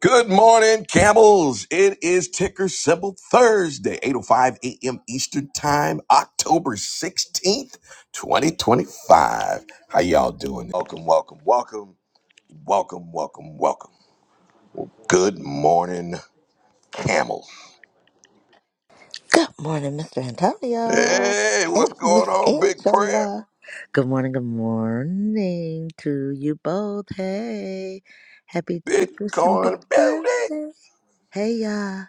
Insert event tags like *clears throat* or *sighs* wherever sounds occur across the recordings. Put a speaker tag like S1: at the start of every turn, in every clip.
S1: Good morning, camels. It is ticker symbol Thursday, 8.05 a.m. Eastern Time, October 16th, 2025. How y'all doing? Welcome, welcome, welcome, welcome, welcome, welcome. Good morning, camels.
S2: Good morning, Mr. Antonio
S1: Hey,
S2: and
S1: what's going
S2: Miss
S1: on, big prayer?
S2: Angela. Good morning, good morning to you both. Hey, happy Ticker Simple
S1: Bitcoin beauty.
S2: Thursday. Hey, y'all.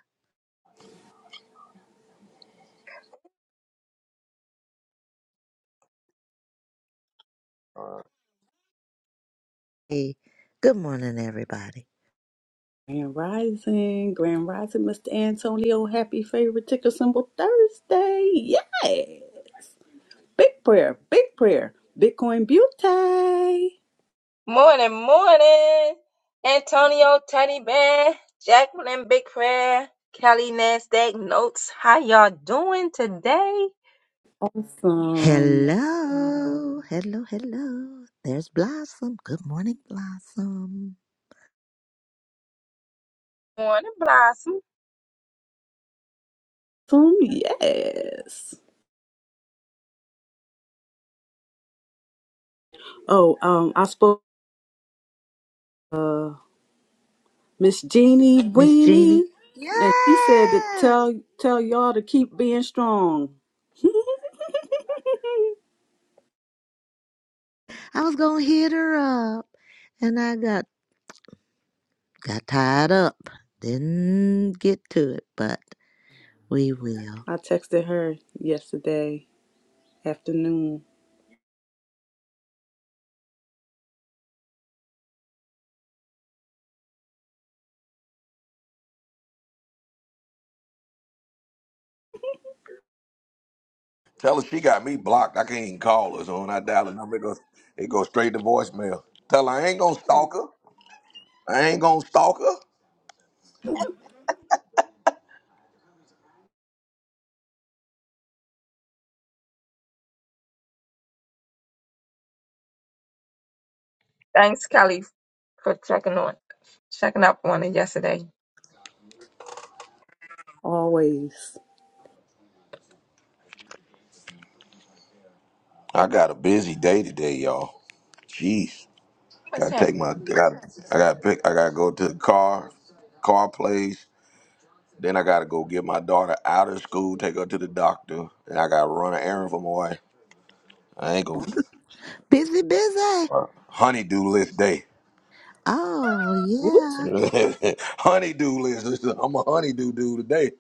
S1: Uh,
S2: Hey, good morning, everybody.
S3: Grand Rising, Grand Rising, Mr. Antonio. Happy favorite ticker symbol Thursday. Yay! Big prayer, big prayer. Bitcoin beauty.
S4: Morning, morning. Antonio, Teddy Bear, Jacqueline, Big Prayer, Kelly, Nasdaq, Notes. How y'all doing today?
S3: Awesome.
S2: Hello, hello, hello. There's Blossom. Good morning, Blossom.
S4: Morning, Blossom.
S3: Awesome, yes. Oh, um, I spoke uh Miss Jeannie
S2: Miss
S3: Weenie,
S2: Jeannie.
S3: and she said to
S2: Yes,
S3: tell tell y'all to keep being strong. *laughs*
S2: I was gonna hit her up, and I got Got tied up. Didn't get to it, but we will.
S3: I texted her yesterday afternoon.
S1: tell her she got me blocked. I can't even call her. So when I dial the number, it goes, it goes straight to voicemail. Tell her I ain't gonna stalk her. I ain't gonna stalk her.
S4: Thanks, Kelly, for checking on, checking up on it yesterday.
S3: Always.
S1: I got a busy day today, y'all. Jeez,
S4: What's
S1: gotta
S4: happening?
S1: take my. I gotta, I gotta pick. I gotta go to the car, car place. Then I gotta go get my daughter out of school, take her to the doctor, and I gotta run an errand for my wife. I ain't gonna
S2: Busy, busy.
S1: uh, honeydew list day.
S2: Oh,
S1: *laughs*
S2: yeah.
S1: honeydew list. Listen, I'm a honeydew dude today.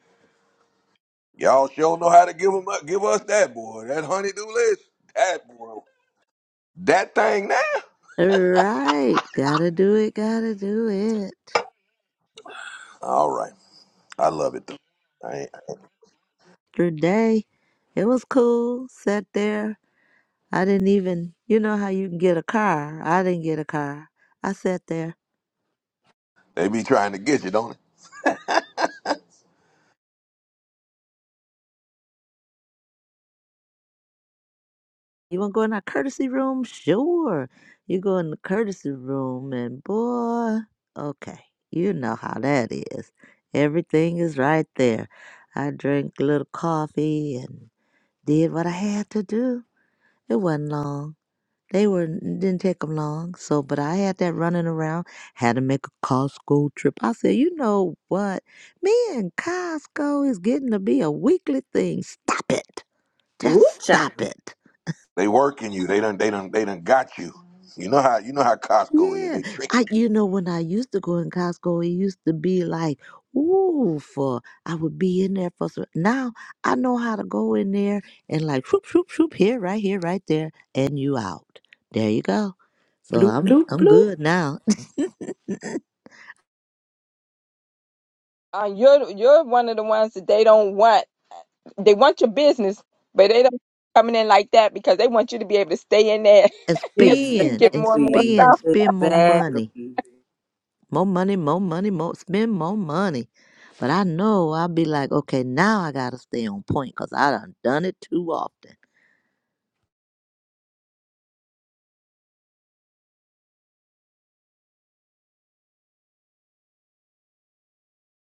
S1: Y'all sure know how to give 'em up, give us that boy. That honeydew list. That boy. That thing now.
S2: right. right. Gotta do it. Gotta do it.
S1: All right, I love it though. I ain't,
S2: Today, it was cool. Sat there. I didn't even, you know how you can get a car. I didn't get a car. I sat there
S1: they be trying to get you, don't they?
S2: You wanna go in our courtesy room? Sure. You go in the courtesy room and boy, okay, you know how that is. Everything is right there. I drank a little coffee and did what I had to do. It wasn't long. They were didn't take them long. So, but I had that running around. Had to make a Costco trip. I said, you know what? Me and Costco is getting to be a weekly thing. Stop it. Just
S3: Woo-cha.
S2: stop it.
S1: They working you. They done they done they done got you. You know how you know how Costco is.
S2: Yeah,
S1: They tricky.
S2: I you know when I used to go in Costco, it used to be like, ooh, for I would be in there for some. Now I know how to go in there and like, shoop, shoop, shoop, here, right here, right there, and you out. There you go. So
S3: Bloop,
S2: I'm
S3: bloop,
S2: I'm
S3: bloop.
S2: good now. *laughs*
S4: Uh, you're you're one of the ones that they don't want. They want your business, but they don't coming in like that because they want you to be able to stay in there
S2: And
S4: *laughs* so you
S2: spend
S4: get
S2: and
S4: more and more stuff.
S2: spend,
S3: Exactly.
S2: spend more money,
S3: Exactly.
S2: more money, more money, more spend more money. But I know I'll be like, okay, now I gotta stay on point because I done done it too often.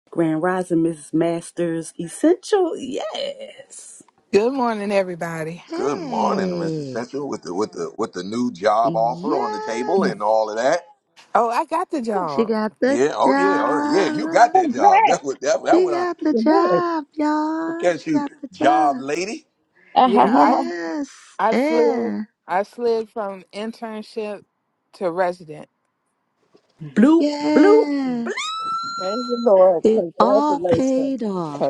S3: Grand Rising Mrs. Masters Essential. Yes.
S5: Good morning, everybody.
S1: Good morning, Mr.
S2: Hey.
S1: Central, with the with the with the new job offer on the
S2: Yes.
S1: table
S4: Yeah.
S1: and all of that.
S5: Oh, I got the
S2: She
S5: job.
S2: got the
S1: Yeah, oh yeah, oh yeah, you got
S2: job.
S4: i
S1: that job.
S4: glad.
S1: That's what that, that
S2: She
S1: what I
S2: got the
S4: Good.
S2: job,
S1: look
S2: y'all.
S1: at
S2: She
S1: you,
S2: got the
S1: job
S2: job.
S1: lady.
S4: *laughs*
S5: Yeah, I
S2: Yes.
S5: I slid
S2: Yeah.
S5: I slid from internship to resident.
S3: Bloop, bloop,
S2: Yeah.
S4: Praise the Lord.
S2: It all
S4: Congratulations.
S2: paid off.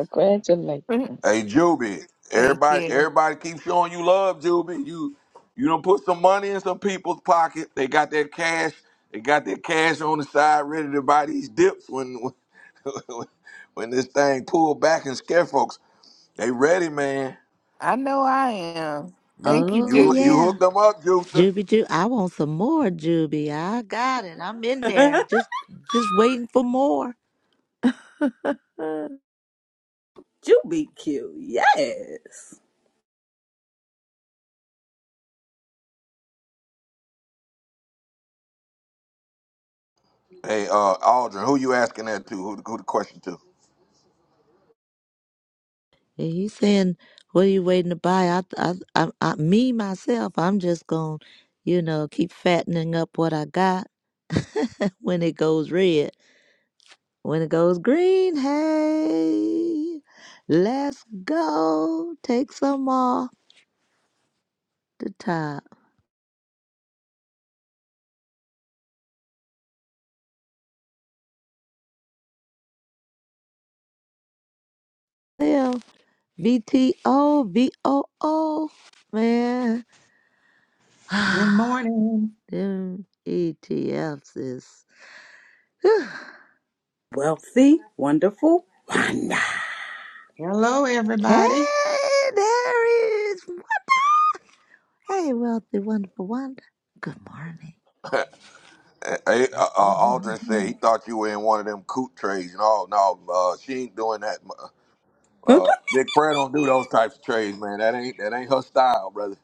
S5: *laughs*
S1: Hey Juby,
S5: Thank
S1: everybody
S5: you.
S1: everybody keeps showing you love, Juby. You you don't put some money in some people's pocket. They got that cash. They got that cash on the side, ready to buy these dips when when, *laughs* when this thing pull back and scare folks. They ready, man.
S5: I know I am.
S1: You
S5: Thank you,
S2: Oh,
S1: you
S5: Juby.
S1: you
S2: yeah.
S1: hooked them up, Juicer.
S2: Juby, Ju, I want some more, Juby. I got it. I'm in there.
S3: bloop.
S2: Just, just waiting for more. *sighs* Uh,
S3: *laughs* you be cute. Yes.
S1: Hey, uh, Aldrin, who you asking that to? Who, the- who the question to?
S2: and he's saying, what are you waiting to buy? I, I, I, I, me, myself, I'm just going to, you know, keep fattening up what I got when it goes red. When it goes green, hey, let's go. Take some off the top. Well, BTO, VOO, man.
S6: Good
S2: *sighs*
S6: morning.
S2: Them ETFs is. *sighs* whew.
S3: Wealthy, wonderful, Wanda.
S6: Hello,
S2: Hey,
S6: everybody.
S2: there is. Hey, wealthy, wonderful, wonder. Good morning.
S1: *laughs* hey, uh, uh, Aldrin said he thought you were in one of them coot trades. No, no, uh, she ain't doing that.
S3: *laughs*
S1: Uh, Big Prayer don't do those types of trades, man. That ain't that ain't her style, brother.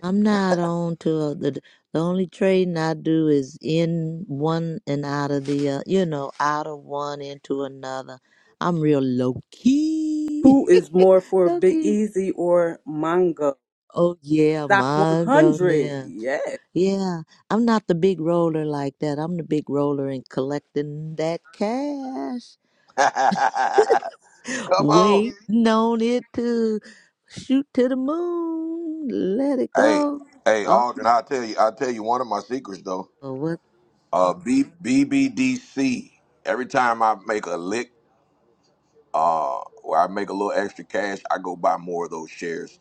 S2: I'm not on to uh, the the only trading I do is in one and out of the uh, you know out of one into another. I'm real low key,
S3: Who is more
S2: *laughs*
S3: for
S2: low
S3: Big
S2: key.
S3: Easy or Mango?
S2: Oh yeah,
S3: Stock
S2: my
S3: 100.
S2: goodness.
S3: Yes.
S2: Yeah, I'm not the big roller like that. I'm the big roller in collecting that cash,
S1: *laughs* Come on.
S2: waiting on it to shoot to the moon, let it
S1: Hey,
S2: go.
S1: hey, Aldrin, I'll tell you, I'll tell you one of my secrets though.
S2: Oh,
S1: Uh B BBDC. Every time I make a lick or I make a little extra cash, I go buy more of those shares.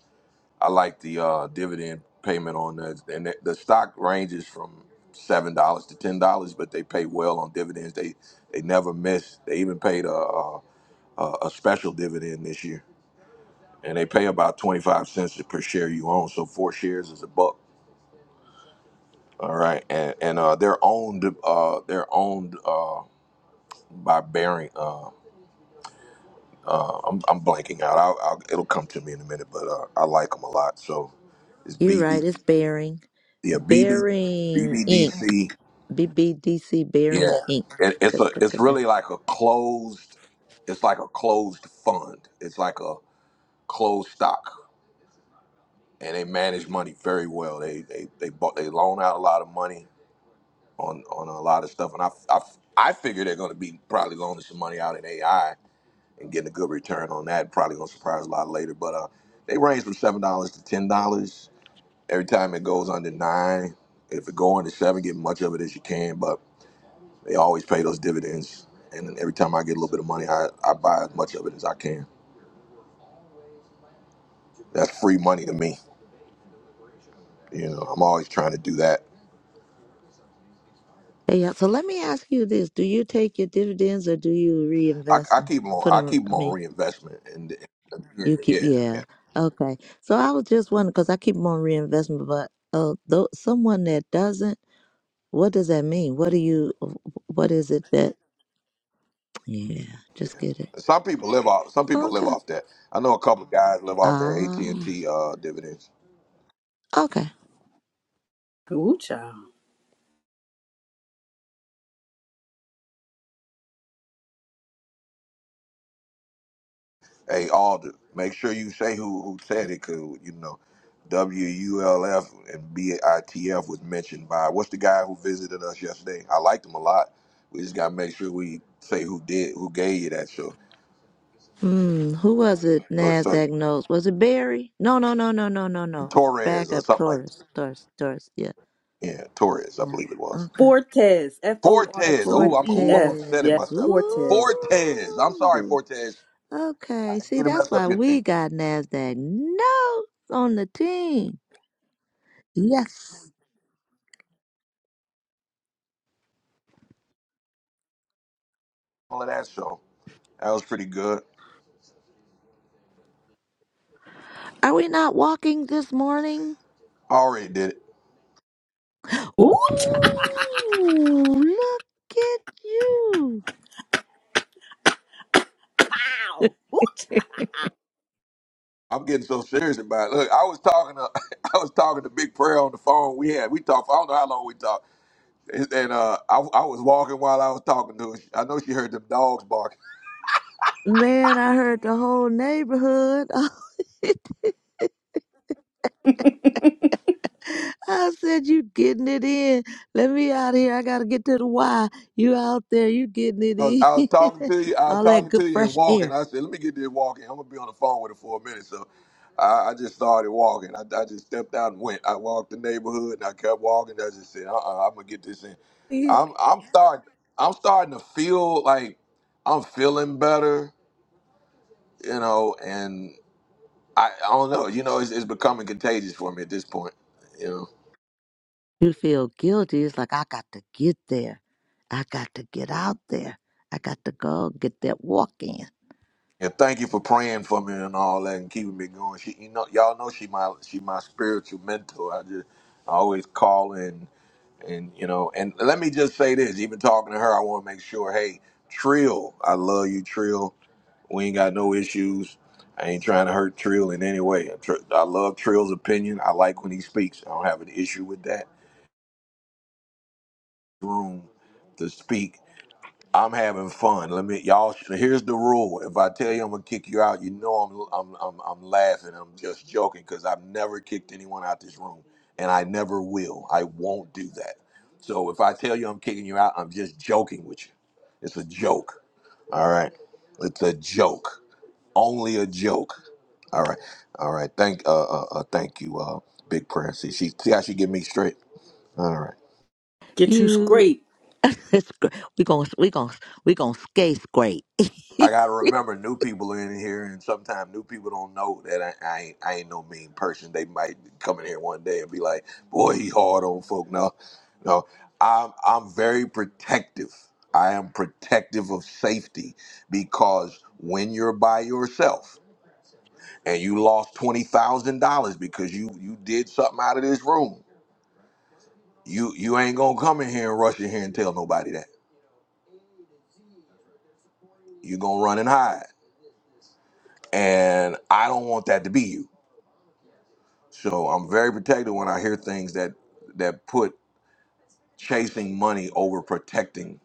S1: I like the uh dividend payment on that. And the the stock ranges from seven dollars to ten dollars, but they pay well on dividends. They they never miss. They even paid a a, a a special dividend this year. and they pay about 25 cents per share you own so four shares is a buck all right and and uh they're owned uh they're owned uh by Baring uh uh I'm, I'm blanking out I'll, I'll it'll come to me in a minute but uh, I like them a lot so it's
S2: You're right,
S1: BB
S2: it's Bearing.
S1: yeah BB
S2: Bearing Inc.
S1: BBDC
S2: BBDC Bearing
S1: yeah
S2: Inc. *laughs*
S1: it, it's a it's really like a closed it's like a closed fund it's like a closed stock and they manage money very well they they they, bought, they loan out a lot of money on on a lot of stuff, and I I, I figure they're going to be probably loaning some money out in AI and getting a good return on that. Probably going to surprise a lot later, but uh, they range from seven dollars to ten dollars every time it goes under nine. If it go under seven, get much of it as you can, but they always pay those dividends, and then every time I get a little bit of money, I, I buy as much of it as I can. That's free money to me. You know, I'm always trying to do that.
S2: Hey, yeah, so let me ask you this. Do you take your dividends or do you
S1: I,
S2: reinvest
S1: I
S2: them?
S1: keep 'em
S2: Put
S1: on. I
S2: them,
S1: keep 'em
S2: I
S1: on
S2: mean,
S1: reinvestment, and, and yeah,
S2: you keep,
S1: yeah, yeah.
S2: yeah. Okay. So I was just wondering, because I keep them on reinvestment, but uh, though, someone that doesn't, what does that mean? What do you, what is it that, *tsk* yeah, just get it.
S1: Some people live off. Some people live
S2: Okay.
S1: off that. I know a couple of guys live off their AT and
S2: Ah,
S1: T uh, dividends.
S2: okay.
S3: Woo-cha.
S1: Hey, Alder, make sure you say who who said it, 'cause you know, W U L F and B I T F was mentioned by what's the guy who visited us yesterday? I liked him a lot. We just gotta make sure we say who did, who gave you that show.
S2: Hmm, who was it?
S1: So, so
S2: Nasdaq knows. Was it Barry? No, no, no, no, no, no, no.
S1: Torres
S2: Back
S1: or
S2: up,
S1: something like that.
S2: Taurus, Taurus, Taurus. Yeah,
S1: Yeah, Torres, I
S2: yeah.
S1: believe it was.
S2: Okay,
S3: Fortes. F O R
S1: Fortes. Oh,
S3: T
S1: I'm
S3: E
S1: oh, I'm
S3: S.
S1: upset at
S3: Yes.
S2: Fortes.
S1: myself.
S3: Fortes.
S1: Fortes. I'm sorry,
S2: Ooh.
S1: Fortes. I
S2: Okay.
S1: didn't
S2: See,
S1: mean to
S2: that's
S1: mess up
S2: why
S1: your
S2: we
S1: name.
S2: got Nasdaq notes on the team. Yes.
S1: all of that show. That was pretty good.
S2: Are we not walking this morning?
S1: I already did it.
S2: Ooh,
S3: Ooh,
S2: look at you.
S3: Ow. Oot.
S1: I'm getting so serious about it. Look, I was talking to *laughs* I was talking to Big Prayer on the phone. We had we talked. I don't know how long we talked. And uh, I, I was walking while I was talking to her. I know she heard them dogs barking.
S2: Man, I heard the whole neighborhood. *laughs* I said, you getting it in. Let me out of here. I got to get to the Y. You out there. You getting it
S1: I was, I was talking
S2: in.
S1: to you.
S2: *laughs*
S1: I was
S2: All that
S1: talking
S2: good,
S1: to you and
S2: fresh
S1: walking.
S2: air.
S1: I said, "Let me get this walking. I'm gonna be on the phone with her for a minute." So, I, I just started walking. I, I just stepped out and went. I walked the neighborhood and I kept walking. I just said, "Uh-uh, I'm gonna get this in."
S2: Yeah.
S1: I'm I'm starting. I'm starting to feel like I'm feeling better, you know. And I, I don't know. You know, it's, it's becoming contagious for me at this point. You know.
S2: You feel guilty. It's like, I got to get there. I got to get out there. I got to go get that walk in.
S1: And thank you for praying for me and all that and keeping me going. She, you know, y'all know she my she my spiritual mentor. I just I always call in and you know. And let me just say this: even talking to her, I want to make sure. Hey, Trill, I love you, Trill. We ain't got no issues. I ain't trying to hurt Trill in any way. Tr- I love Trill's opinion. I like when he speaks. I don't have an issue with that room to speak I'm having fun. Let me y'all. Here's the rule: if I tell you I'm gonna kick you out, you know I'm I'm I'm, I'm laughing. I'm just joking because I've never kicked anyone out this room, and I never will. I won't do that. So if I tell you I'm kicking you out, I'm just joking with you. It's a joke. All right. It's a joke. Only a joke. All right. All right. Thank uh uh, uh thank you uh big prayer. See she see how she get me straight. All right.
S3: Get you
S2: You,
S3: scraped.
S2: *laughs* it's, gr- we going to we gonna, we gonna skate great. *laughs*
S1: I
S2: that
S1: gotta remember new people are in here, and sometimes new people don't know that I, I ain't I ain't no mean person. They might come in here one day and be like, "Boy, he hard on folk." No, no, I'm I'm very protective. I am protective of safety because when you're by yourself and you lost twenty thousand dollars because you you did something out of this room, you you ain't gonna come in here and rush in here and tell nobody that. You're gonna run and hide, and I don't want that to be you. So I'm very protective when I hear things that that put chasing money over protecting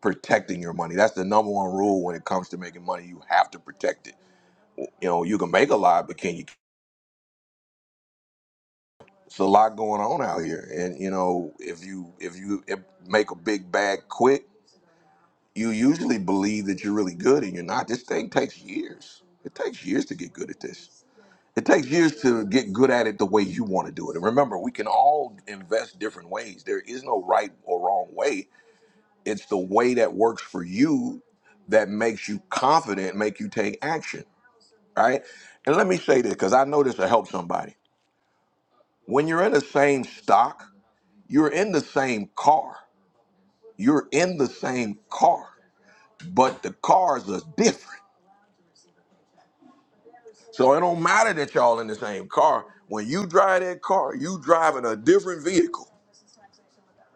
S1: protecting your money. That's the number one rule when it comes to making money. You have to protect it. You know, you can make a lot, but can you? It's a lot going on out here, and you know, if you if you if make a big bag quick, you usually believe that you're really good, and you're not. This thing takes years. It takes years to get good at this. It takes years to get good at it the way you want to do it. And remember, we can all invest different ways. There is no right or wrong way. It's the way that works for you that makes you confident, make you take action, right? And let me say this because I know this will help somebody. When you're in the same stock, you're in the same car. You're in the same car, but the cars are different. So it don't matter that y'all in the same car. When you drive that car, you driving a different vehicle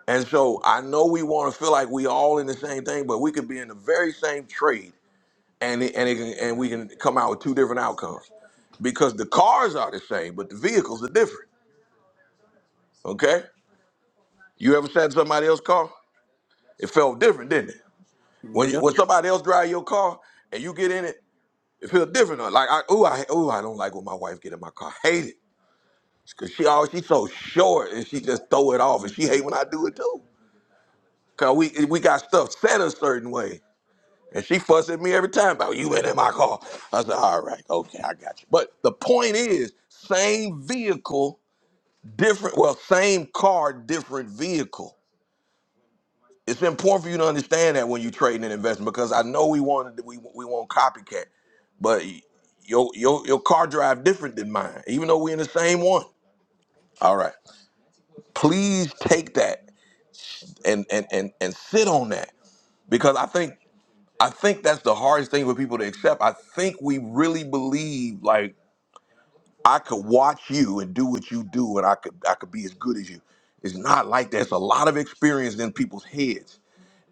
S1: And so I know we want to feel like we all in the same thing, but we could be in the very same trade, and it, and it can, and we can come out with two different outcomes because the cars are the same, but the vehicles are different. Okay, you ever sat in somebody else's car? It felt different, didn't it? When you,
S3: Yep.
S1: when somebody else drive your car and you get in it, it feels different. Like I oh I oh I don't like when my wife get in my car. Hate it because she always she's so short and she just throw it off, and she hate when I do it too. Cause we we got stuff set a certain way And she fussed at me every time about you been in my car. I said, all right, okay, I got you. But the point is, same vehicle, different, well, same car, different vehicle. It's important for you to understand that when you're trading an investment because I know we want we we want copycat, but your your your car drive different than mine, even though we're in the same one. All right. Please take that and and and and sit on that because I think I think that's the hardest thing for people to accept. I think we really believe like I could watch you and do what you do, and I could I could be as good as you. It's not like that. It's a lot of experience in people's heads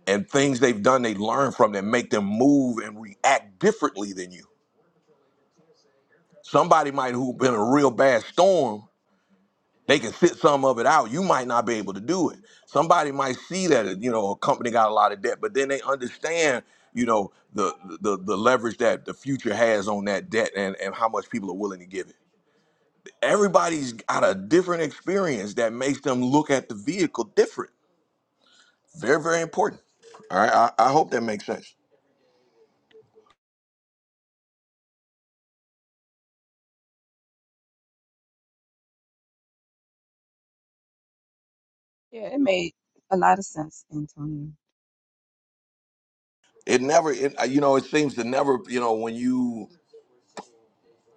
S1: and things they've done. They learn from that make them move and react differently than you. Somebody might who been in a real bad storm They can sit some of it out. You might not be able to do it. Somebody might see that you know a company got a lot of debt, but then they understand you know the the the leverage that the future has on that debt and and how much people are willing to give it. Everybody's got a different experience that makes them look at the vehicle different. Very very important. All right, I, I hope that makes sense.
S4: Yeah, it made a lot of sense, Antonio.
S1: It never, it, you know, it seems to never, you know, when you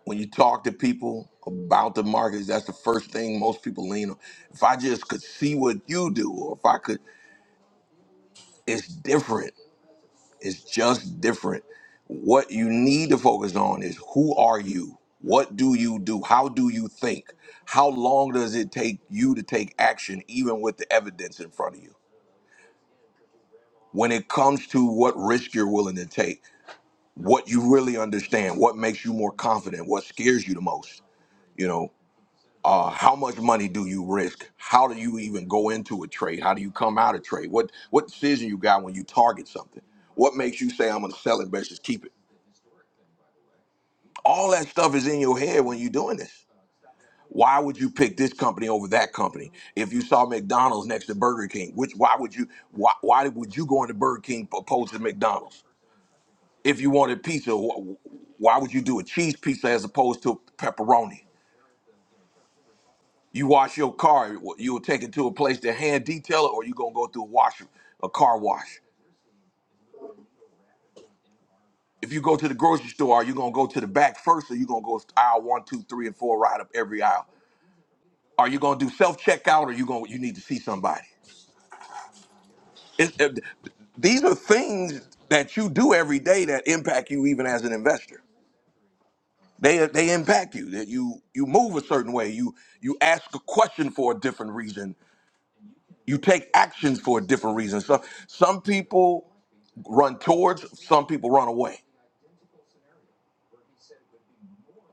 S1: When you talk to people about the markets, that's the first thing most people lean on. If I just could see what you do, or if I could, it's different. It's just different. What you need to focus on is who are you? What do you do? How do you think? How long does it take you to take action, even with the evidence in front of you? When it comes to what risk you're willing to take, what you really understand, what makes you more confident, what scares you the most, you know, uh, how much money do you risk? How do you even go into a trade? How do you come out of trade? What what decision you got when you target something? What makes you say I'm going to sell it versus keep it? All that stuff is in your head when you're doing this. Why would you pick this company over that company? If you saw McDonald's next to Burger King, which why would you why why would you go into Burger King opposed to McDonald's? If you wanted pizza, wh- why would you do a cheese pizza as opposed to pepperoni? You wash your car, you will take it to a place that hand detail it, or you gonna go through a wash, a car wash. If you go to the grocery store, are you gonna go to the back first, or you gonna go aisle one, two, three, and four, right up every aisle? Are you gonna do self checkout, or you gonna you need to see somebody? It's, it, these are things that you do every day that impact you, even as an investor. They they impact you. That you you move a certain way. You you ask a question for a different reason. You take actions for a different reason. So some people run towards, some people run away,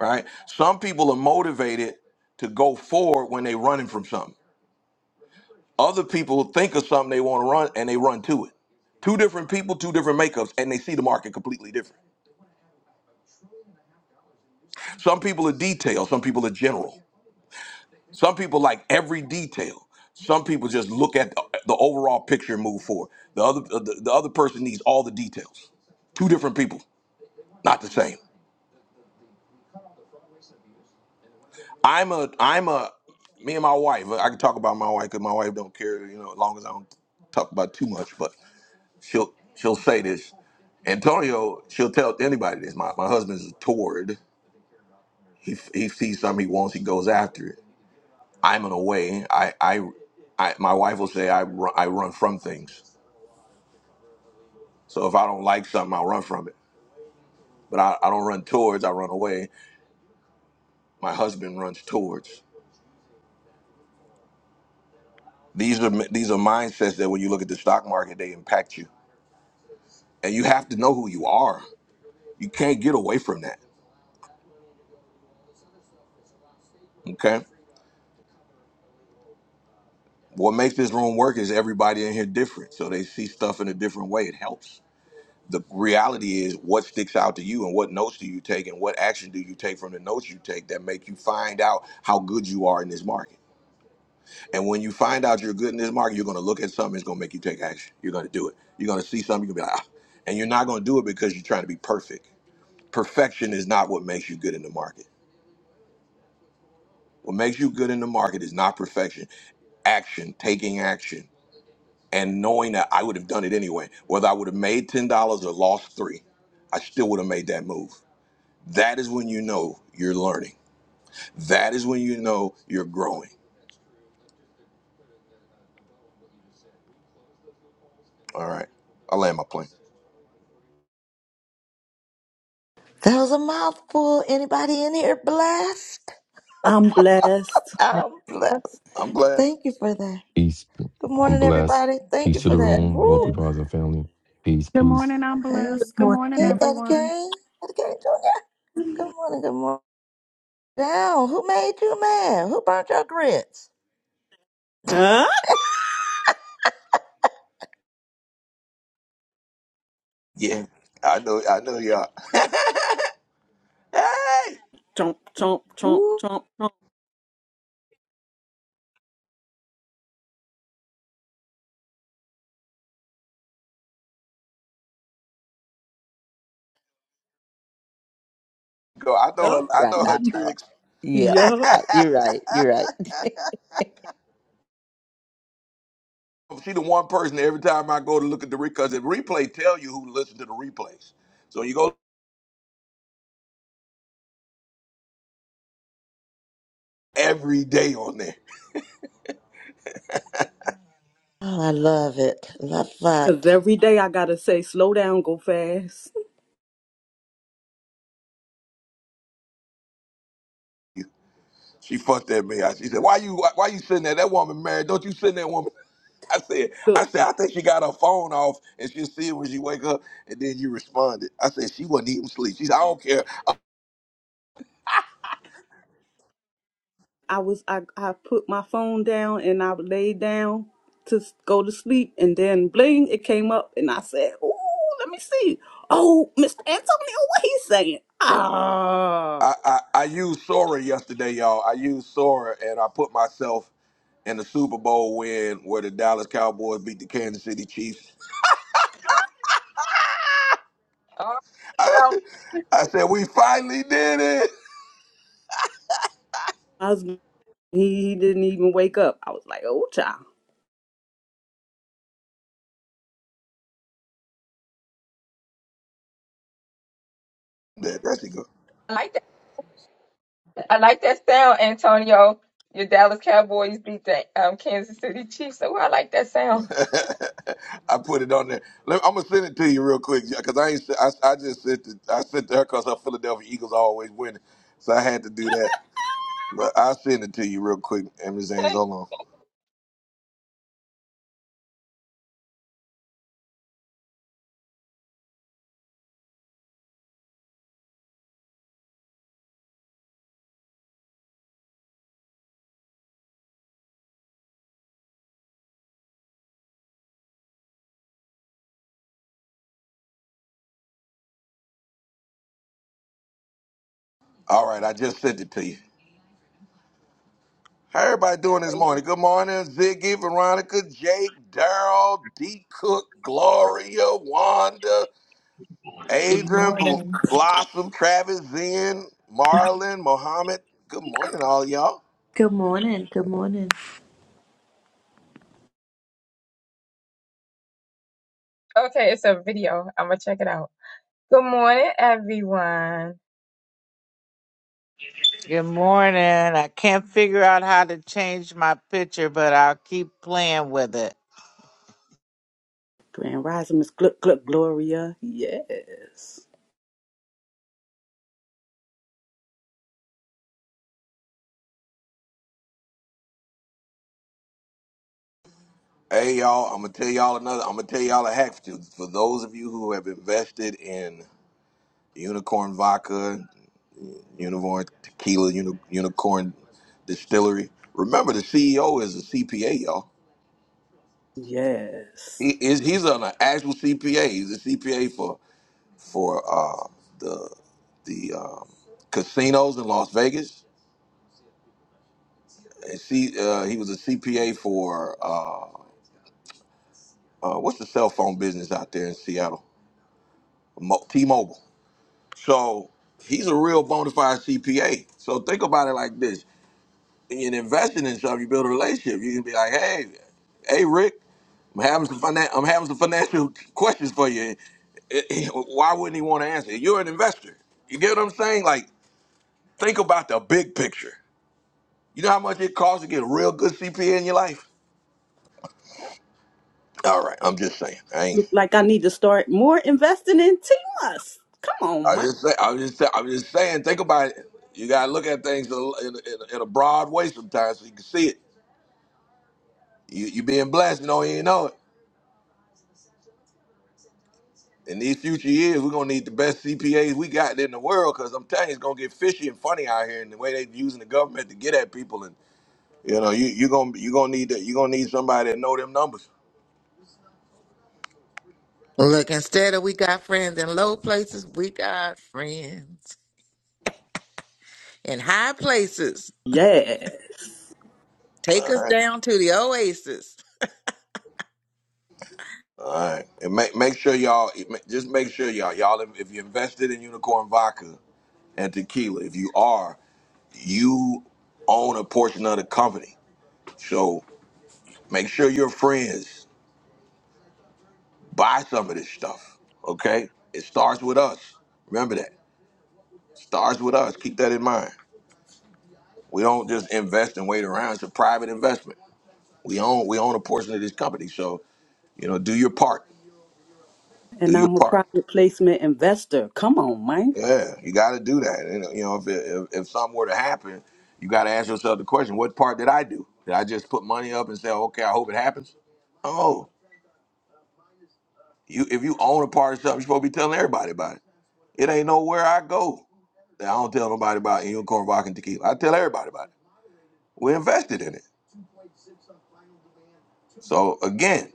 S1: right? Some people are motivated to go forward when they're running from something. Other people think of something they want to run and they run to it. Two different people, two different makeups, and they see the market completely different. Some people are detailed, some people are general. Some people like every detail. Some people just look at the the overall picture and move forward. The other, the, the other person needs all the details. Two different people, not the same. I'm a I'm a me and my wife. I can talk about my wife because my wife don't care. You know, as long as I don't talk about too much, but she'll she'll say this. Antonio, she'll tell anybody this. My my husband's a toward. He he sees something he wants, he goes after it. I'm an away. I I, I my wife will say I run, I run from things. So if I don't like something, I'll run from it. But I, I don't run towards. I run away. My husband runs towards. These are these are mindsets that when you look at the stock market, they impact you And you have to know who you are. You can't get away from that. Okay. What makes this room work is everybody in here different. So they see stuff in a different way. It helps. The reality is what sticks out to you and what notes do you take and what action do you take from the notes you take that make you find out how good you are in this market. And when you find out you're good in this market, you're going to look at something, it's going to make you take action. You're going to do it. You're going to see something, you're going to be like, ah. And you're not going to do it because you're trying to be perfect. Perfection is not what makes you good in the market. What makes you good in the market is not perfection action, taking action, and knowing that I would have done it anyway. Whether I would have made ten dollars or lost three, I still would have made that move. That is when you know you're learning. That is when you know you're growing. All right, I land my plane.
S2: was a mouthful. Anybody in here blessed?
S3: I'm blessed.
S4: Uh,
S2: I'm blessed.
S1: I'm glad.
S2: Thank you for that.
S7: Peace.
S2: Good
S7: I'm
S2: morning,
S7: blessed.
S2: everybody. Thank you
S7: Peace to
S2: for
S7: the
S2: that.
S7: room,
S2: Woo!
S7: wealthy brothers and family. Peace,
S8: Good
S7: peace.
S8: morning, I'm
S2: Hey,
S8: blessed. Good morning,
S2: hey,
S9: Morning.
S2: Eddie
S8: everyone.
S2: Kane, Eddie Kane Jr. Good morning, good morning. Down, who made you mad? Who burnt your grits?
S3: Huh?
S1: Yeah, I know. I know y'all. *laughs* hey,
S3: Chomp, chomp, chomp,
S2: Woo.
S3: chomp, chomp.
S1: go. I know her.
S3: Yup.
S1: I
S2: Right,
S1: know her
S2: I know.
S1: tricks.
S2: Yeah,
S3: Yup.
S2: right. You're right. You're right. *laughs*
S1: She the one person every time I go to look at the replay, because the replay tell you who listened to the replays. So you go every day on there.
S2: Oh, I love it. Love
S3: Cause
S2: that.
S3: every day I gotta say, slow down, go fast.
S1: She fucked at me. I- She said, "Why you why, why you sitting there? That woman married. Don't you send that woman?" I said, "I
S3: Look,
S1: said I think she got her phone off, and she'll see it when she wake up." And then you responded. I said she wasn't even sleep. She said, "I don't care.
S3: I was I, I put my phone down and I laid down to s- go to sleep and then bling it came up and I said, Ooh, let me see. Oh, Mr. Antonio, what he saying? Ah
S1: I I, I used Sora yesterday, y'all. I used Sora, and I put myself." in the Super Bowl win where the Dallas Cowboys beat the Kansas City Chiefs.
S4: Oh,
S1: *laughs* I
S4: well,
S1: said, we finally did it.
S3: I was he, he didn't even wake up. I was like, oh child.
S1: *laughs* That, that's it.
S4: I like that. I like that sound, Antonio. Your Dallas Cowboys beat the um, Kansas City Chiefs, so I like that sound.
S1: *laughs* I put it on there. Let, I'm gonna send it to you real quick because I ain't. I, I just sent it. I sent to her because her Philadelphia Eagles always winning, so I had to do that. But I'll send it to you real quick, Emma Zane's.
S4: *laughs*
S1: Hold on. All right, I just sent it to you. How everybody doing
S4: Can't
S1: this
S4: wait.
S1: morning? Good morning, Ziggy, Veronica, Jake, Daryl, D. Cook, Gloria, Wanda,
S10: Good
S1: Adrian, Bl-
S10: morning.
S1: Blossom, Travis, Zen, Marlon, Mohammed. Good morning, all y'all.
S9: Good morning. Good morning.
S4: Okay, it's a video. I'm gonna check it out. Good morning, everyone.
S10: Good morning. I can't figure out how to change my picture, but I'll keep playing with it.
S3: Grand Rising, Miss Gluck Gluck Gloria. Yes.
S1: Hey y'all, I'm gonna tell y'all another. I'm gonna tell y'all a hack for, for those of you who have invested in Unicorn Vodka, Unicorn Tequila, Uni, Unicorn Distillery. Remember, the CEO is a CPA, y'all. He
S3: Yes.
S1: is he's an actual CPA. He's a CPA for for uh, the the um, casinos in Las Vegas. And see, uh, he was a CPA for uh, uh, what's the cell phone business out there in Seattle? Mo- T-Mobile. So he's a real bona fide CPA. So think about it like this: in investing in something, you build a relationship. You can be like, "Hey, hey, Rick, I'm having some finan- I'm having some financial questions for you. Eh, eh, Why wouldn't he want to answer? You're an investor. You get what I'm saying? Like, think about the big picture. You know how much it costs to get a real good CPA in your life? All right, I'm just saying. I ain't.
S3: Look like I need to start more investing in Timas. Come
S1: I
S3: on, man.
S1: just say. I just. Say, I'm just saying. Think about it. You gotta look at things in a, in a, in a broad way sometimes, so you can see it. You you being blessed, you know, you ain't know it. In these future years, we're gonna need the best CPAs we got in the world, cause I'm telling you, it's gonna get fishy and funny out here, and the way they using the government to get at people, and you know, you you gonna you gonna need that, you gonna need somebody that know them numbers.
S6: Look, instead of we got friends in low places, we got friends in high places.
S3: Yes.
S6: Take
S1: All
S6: us
S1: right,
S6: down to the oasis.
S1: all right, and make make sure y'all just make sure y'all y'all if, if you invested in Unicorn Vodka and tequila, if you are, you own a portion of the company, so make sure you're friends. buy some of this stuff. Okay? It starts with us. Remember that. Starts with us. Keep that in mind. We don't just invest and wait around. It's a private investment. We own we own a portion of this company. So, you know, do your part. Do
S3: And
S1: your
S3: I'm a
S1: part.
S3: private placement investor. Come on, man.
S1: Yeah, you got to do that. And, you know, if, it, if if something were to happen, you got to ask yourself the question: What part did I do? Did I just put money up and say, "Okay, I hope it happens"? Oh, you if you own a part of something, you're supposed to be telling everybody about it. It ain't nowhere I go. that I don't tell nobody about Inyo Corn Vodka and Tequila. I tell everybody about it. We're invested in it. So again,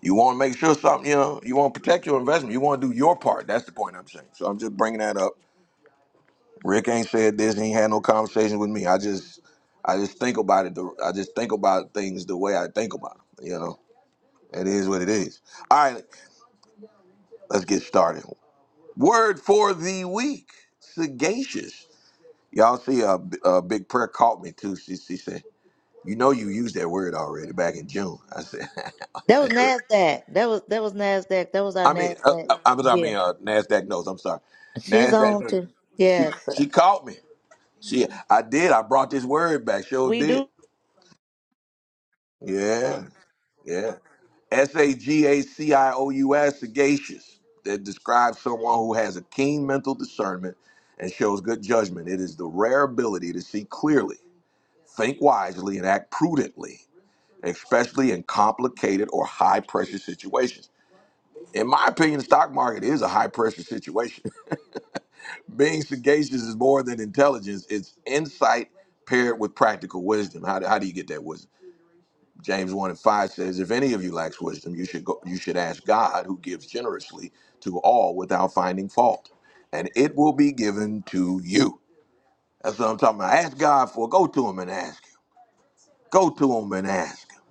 S1: you want to make sure something, you know, you want to protect your investment. You want to do your part. That's the point I'm saying. So I'm just bringing that up. Rick ain't said this. He ain't had no conversation with me. I just, I just think about it. the- I just think about things the way I think about them. You know, it is what it is. All right, let's get started. Word for the week: sagacious. Y'all see a, a big prayer caught me too. She she said. You know, you used that word already back in June. I said,
S2: That was
S1: *laughs*
S2: Nasdaq. That was that was Nasdaq. That was our
S1: I mean, uh,
S2: Nasdaq.
S1: uh, I, mean, I
S2: Yeah,
S1: mean, uh, Nasdaq knows. I'm sorry,
S2: she's
S1: Nasdaq
S2: on
S1: knows.
S2: too.
S1: She
S2: Yes, sir.
S1: she caught me. She, I did. I brought this word back. Sure
S2: we
S1: did.
S2: do
S1: Yeah, yeah. S A G A C I O U S, sagacious, that describes someone who has a keen mental discernment and shows good judgment. It is the rare ability to see clearly, think wisely, and act prudently, especially in complicated or high pressure situations. In my opinion, the stock market is a high pressure situation. *laughs* Being sagacious is more than intelligence, it's insight paired with practical wisdom. How do, how do you get that wisdom? James 1 and 5 says, If any of you lacks wisdom, you should, go, you should ask God, who gives generously to all without finding fault, and it will be given to you. That's what I'm talking about. Ask God for it. Go to Him and ask Him. Go to Him and ask Him.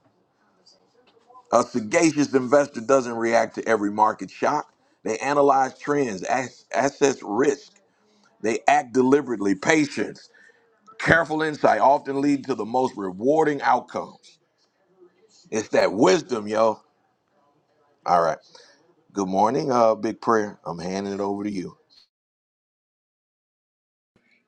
S1: A sagacious investor doesn't react to every market shock, they analyze trends, as- assess risk They act deliberately. Patience, careful insight often lead to the most rewarding outcomes. It's that wisdom, yo. All right. Good morning, uh, Big Prayer. I'm handing it over to you.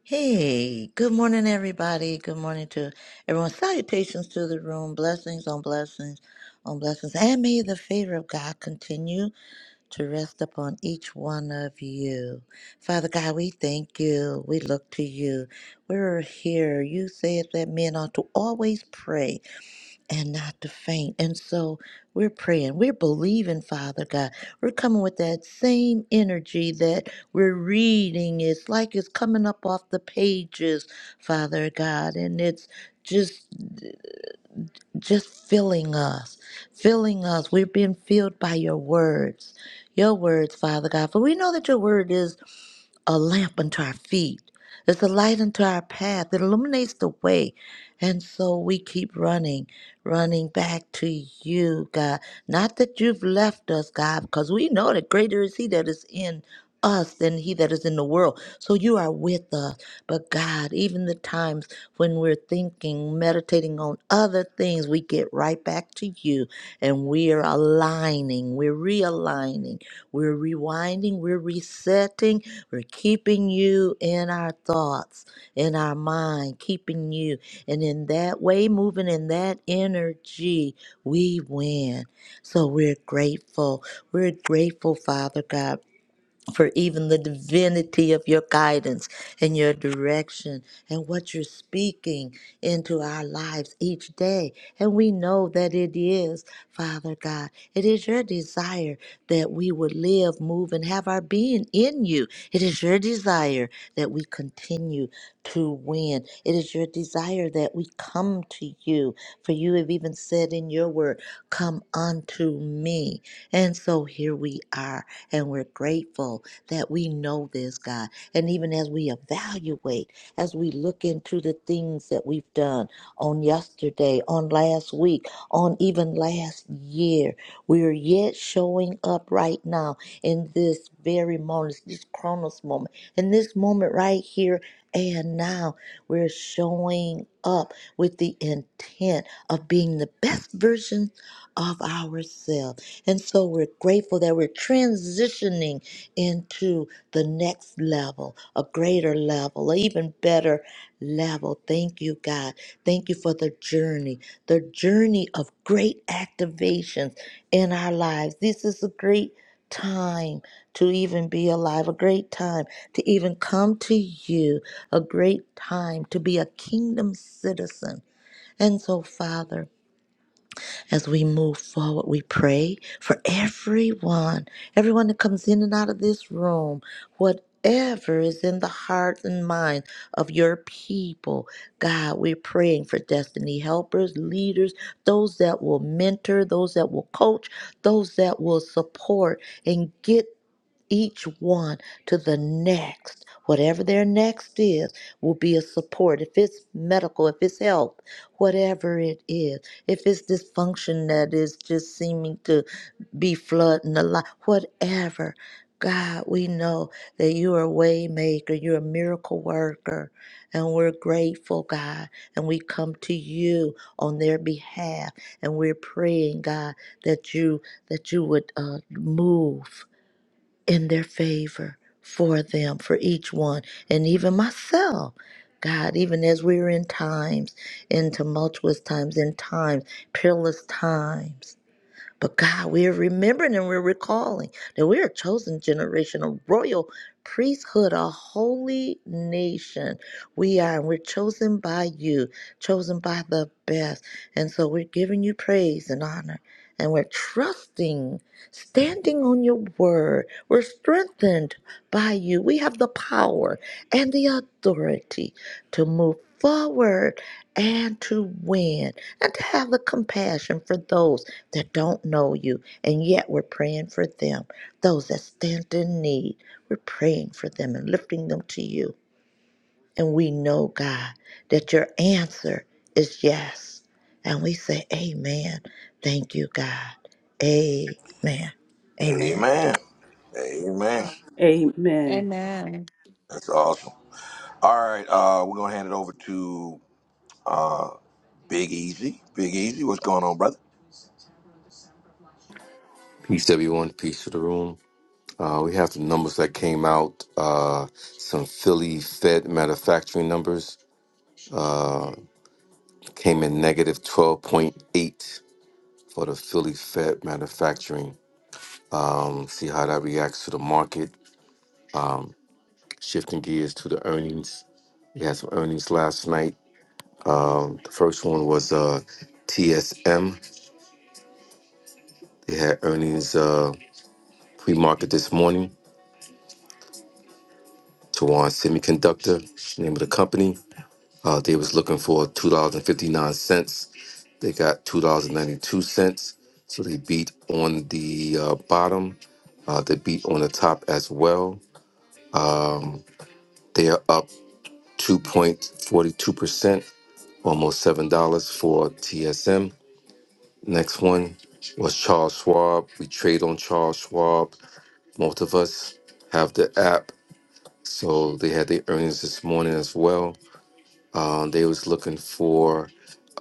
S2: Hey, good morning, everybody. Good morning to everyone. Salutations to the room. Blessings on blessings on blessings. And may the favor of God continue to rest upon each one of you. Father God, we thank you. We look to you. We're here. You said that men ought to always pray and not to faint. And so we're praying, we're believing, Father God. We're coming with that same energy that we're reading. It's like it's coming up off the pages, Father God, and it's just just filling us filling us we're being filled by your words your words father god for we know that your word is a lamp unto our feet. It's a light unto our path. It illuminates the way. And so we keep running, running back to you, God. Not that you've left us, God, because we know that greater is He that is in us than He that is in the world. So you are with us. But God, even the times when we're thinking, meditating on other things, we get right back to you and we are aligning, we're realigning we're rewinding, we're resetting, we're keeping you in our thoughts, in our mind, keeping you. And in that way, moving in that energy, we win. So we're grateful. We're grateful, Father God for even the divinity of your guidance and your direction and what you're speaking into our lives each day. And we know that it is, Father God, it is your desire that we would live, move, and have our being in you. It is your desire that we continue to win. It is your desire that we come to you. For you have even said in your word, Come unto me. And so here we are, and we're grateful that we know this, God. And even as we evaluate, as we look into the things that we've done on yesterday, on last week, on even last year, we are yet showing up right now in this very moment, this Chronos moment, in this moment right here and now. We're showing up with the intent of being the best version of ourselves. And so we're grateful that we're transitioning into the next level, a greater level, an even better level. Thank you, God. Thank you for the journey, the journey of great activations in our lives. This is a great time to even be alive, a great time to even come to you, a great time to be a kingdom citizen. And so, Father, as we move forward, we pray for everyone, everyone that comes in and out of this room, whatever is in the hearts and minds of your people. God, we're praying for destiny helpers, leaders, those that will mentor, those that will coach, those that will support and get each one to the next. Whatever their next is will be a support. If it's medical, if it's health, whatever it is, if it's dysfunction that is just seeming to be flooding the life, whatever. God, we know that you are a way maker, you're a miracle worker, and we're grateful, God, and we come to you on their behalf, and we're praying, God, that you that you would uh, move in their favor for them, for each one, and even myself. God, even as we are in times, in tumultuous times, in times, peerless times. But God, we're remembering and we're recalling that we are a chosen generation, a royal priesthood, a holy nation. We are, and we're chosen by you, chosen by the best. And so we're giving you praise and honor. And we're trusting, standing on your word. We're strengthened by you. We have the power and the authority to move forward and to win and to have the compassion for those that don't know you and yet we're praying for them those that stand in need we're praying for them and lifting them to you and we know god that your answer is yes and we say amen thank you god amen amen
S1: Amen. Amen.
S3: Amen.
S8: Amen.
S1: That's awesome. All right. Uh, we're gonna hand it over to uh, Big Easy. Big Easy, what's going on, brother?
S7: Peace, everyone. Peace to the room. Uh, we have the numbers that came out. Uh, some Philly Fed manufacturing numbers uh, came in negative 12.8 for the Philly Fed manufacturing. Um, see how that reacts to the market. Shifting gears to the earnings. We had some earnings last night. Um, the first one was uh, TSM. They had earnings uh, pre market this morning. Tawan Semiconductor, name of the company. Uh, they was looking for two dollars and fifty nine cents. They got two dollars and ninety two cents, so they beat on the uh, bottom. Uh, they beat on the top as well. They are up two point forty two percent, almost seven dollars for TSM. Next one was Charles Schwab. We trade on Charles Schwab. Most of us have the app, so they had their earnings this morning as well. Uh, they was looking for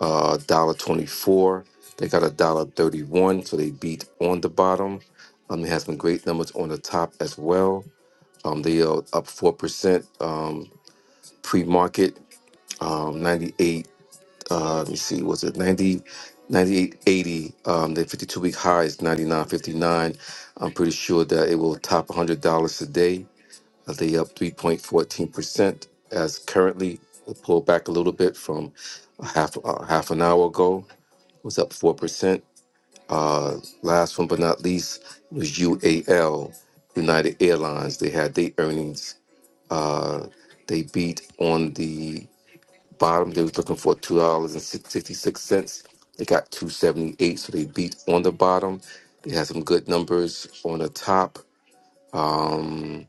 S7: a dollar twenty four. They got a dollar thirty one, so they beat on the bottom. Um, they had some great numbers on the top as well. Um, they are up four percent um, pre market. Um, ninety eight. Uh, let me see, was it 90, 98.80? Um, the 52 week high is 99.59. I'm pretty sure that it will top $100 today. Uh, They up 3.14% as currently it pulled back a little bit from a half uh, half an hour ago. It was up 4%. Uh, last one but not least was UAL, United Airlines. They had their earnings. Uh, they beat on the bottom. They was looking for $2.66. They got 278 so they beat on the bottom. They had some good numbers on the top. Um,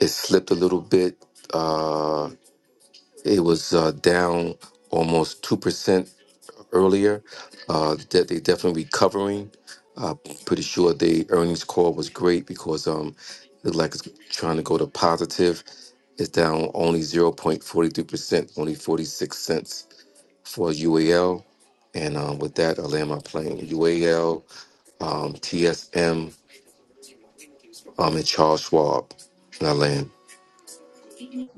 S7: it slipped a little bit. Uh, it was uh, down almost 2% earlier. Uh, that they definitely recovering. Uh, pretty sure the earnings call was great because um, it looked like it's trying to go to positive. It's down only 0.43%, only 46 cents for UAL. And um, with that, I land my plane. UAL, um, TSM, um, and Charles Schwab. And I land.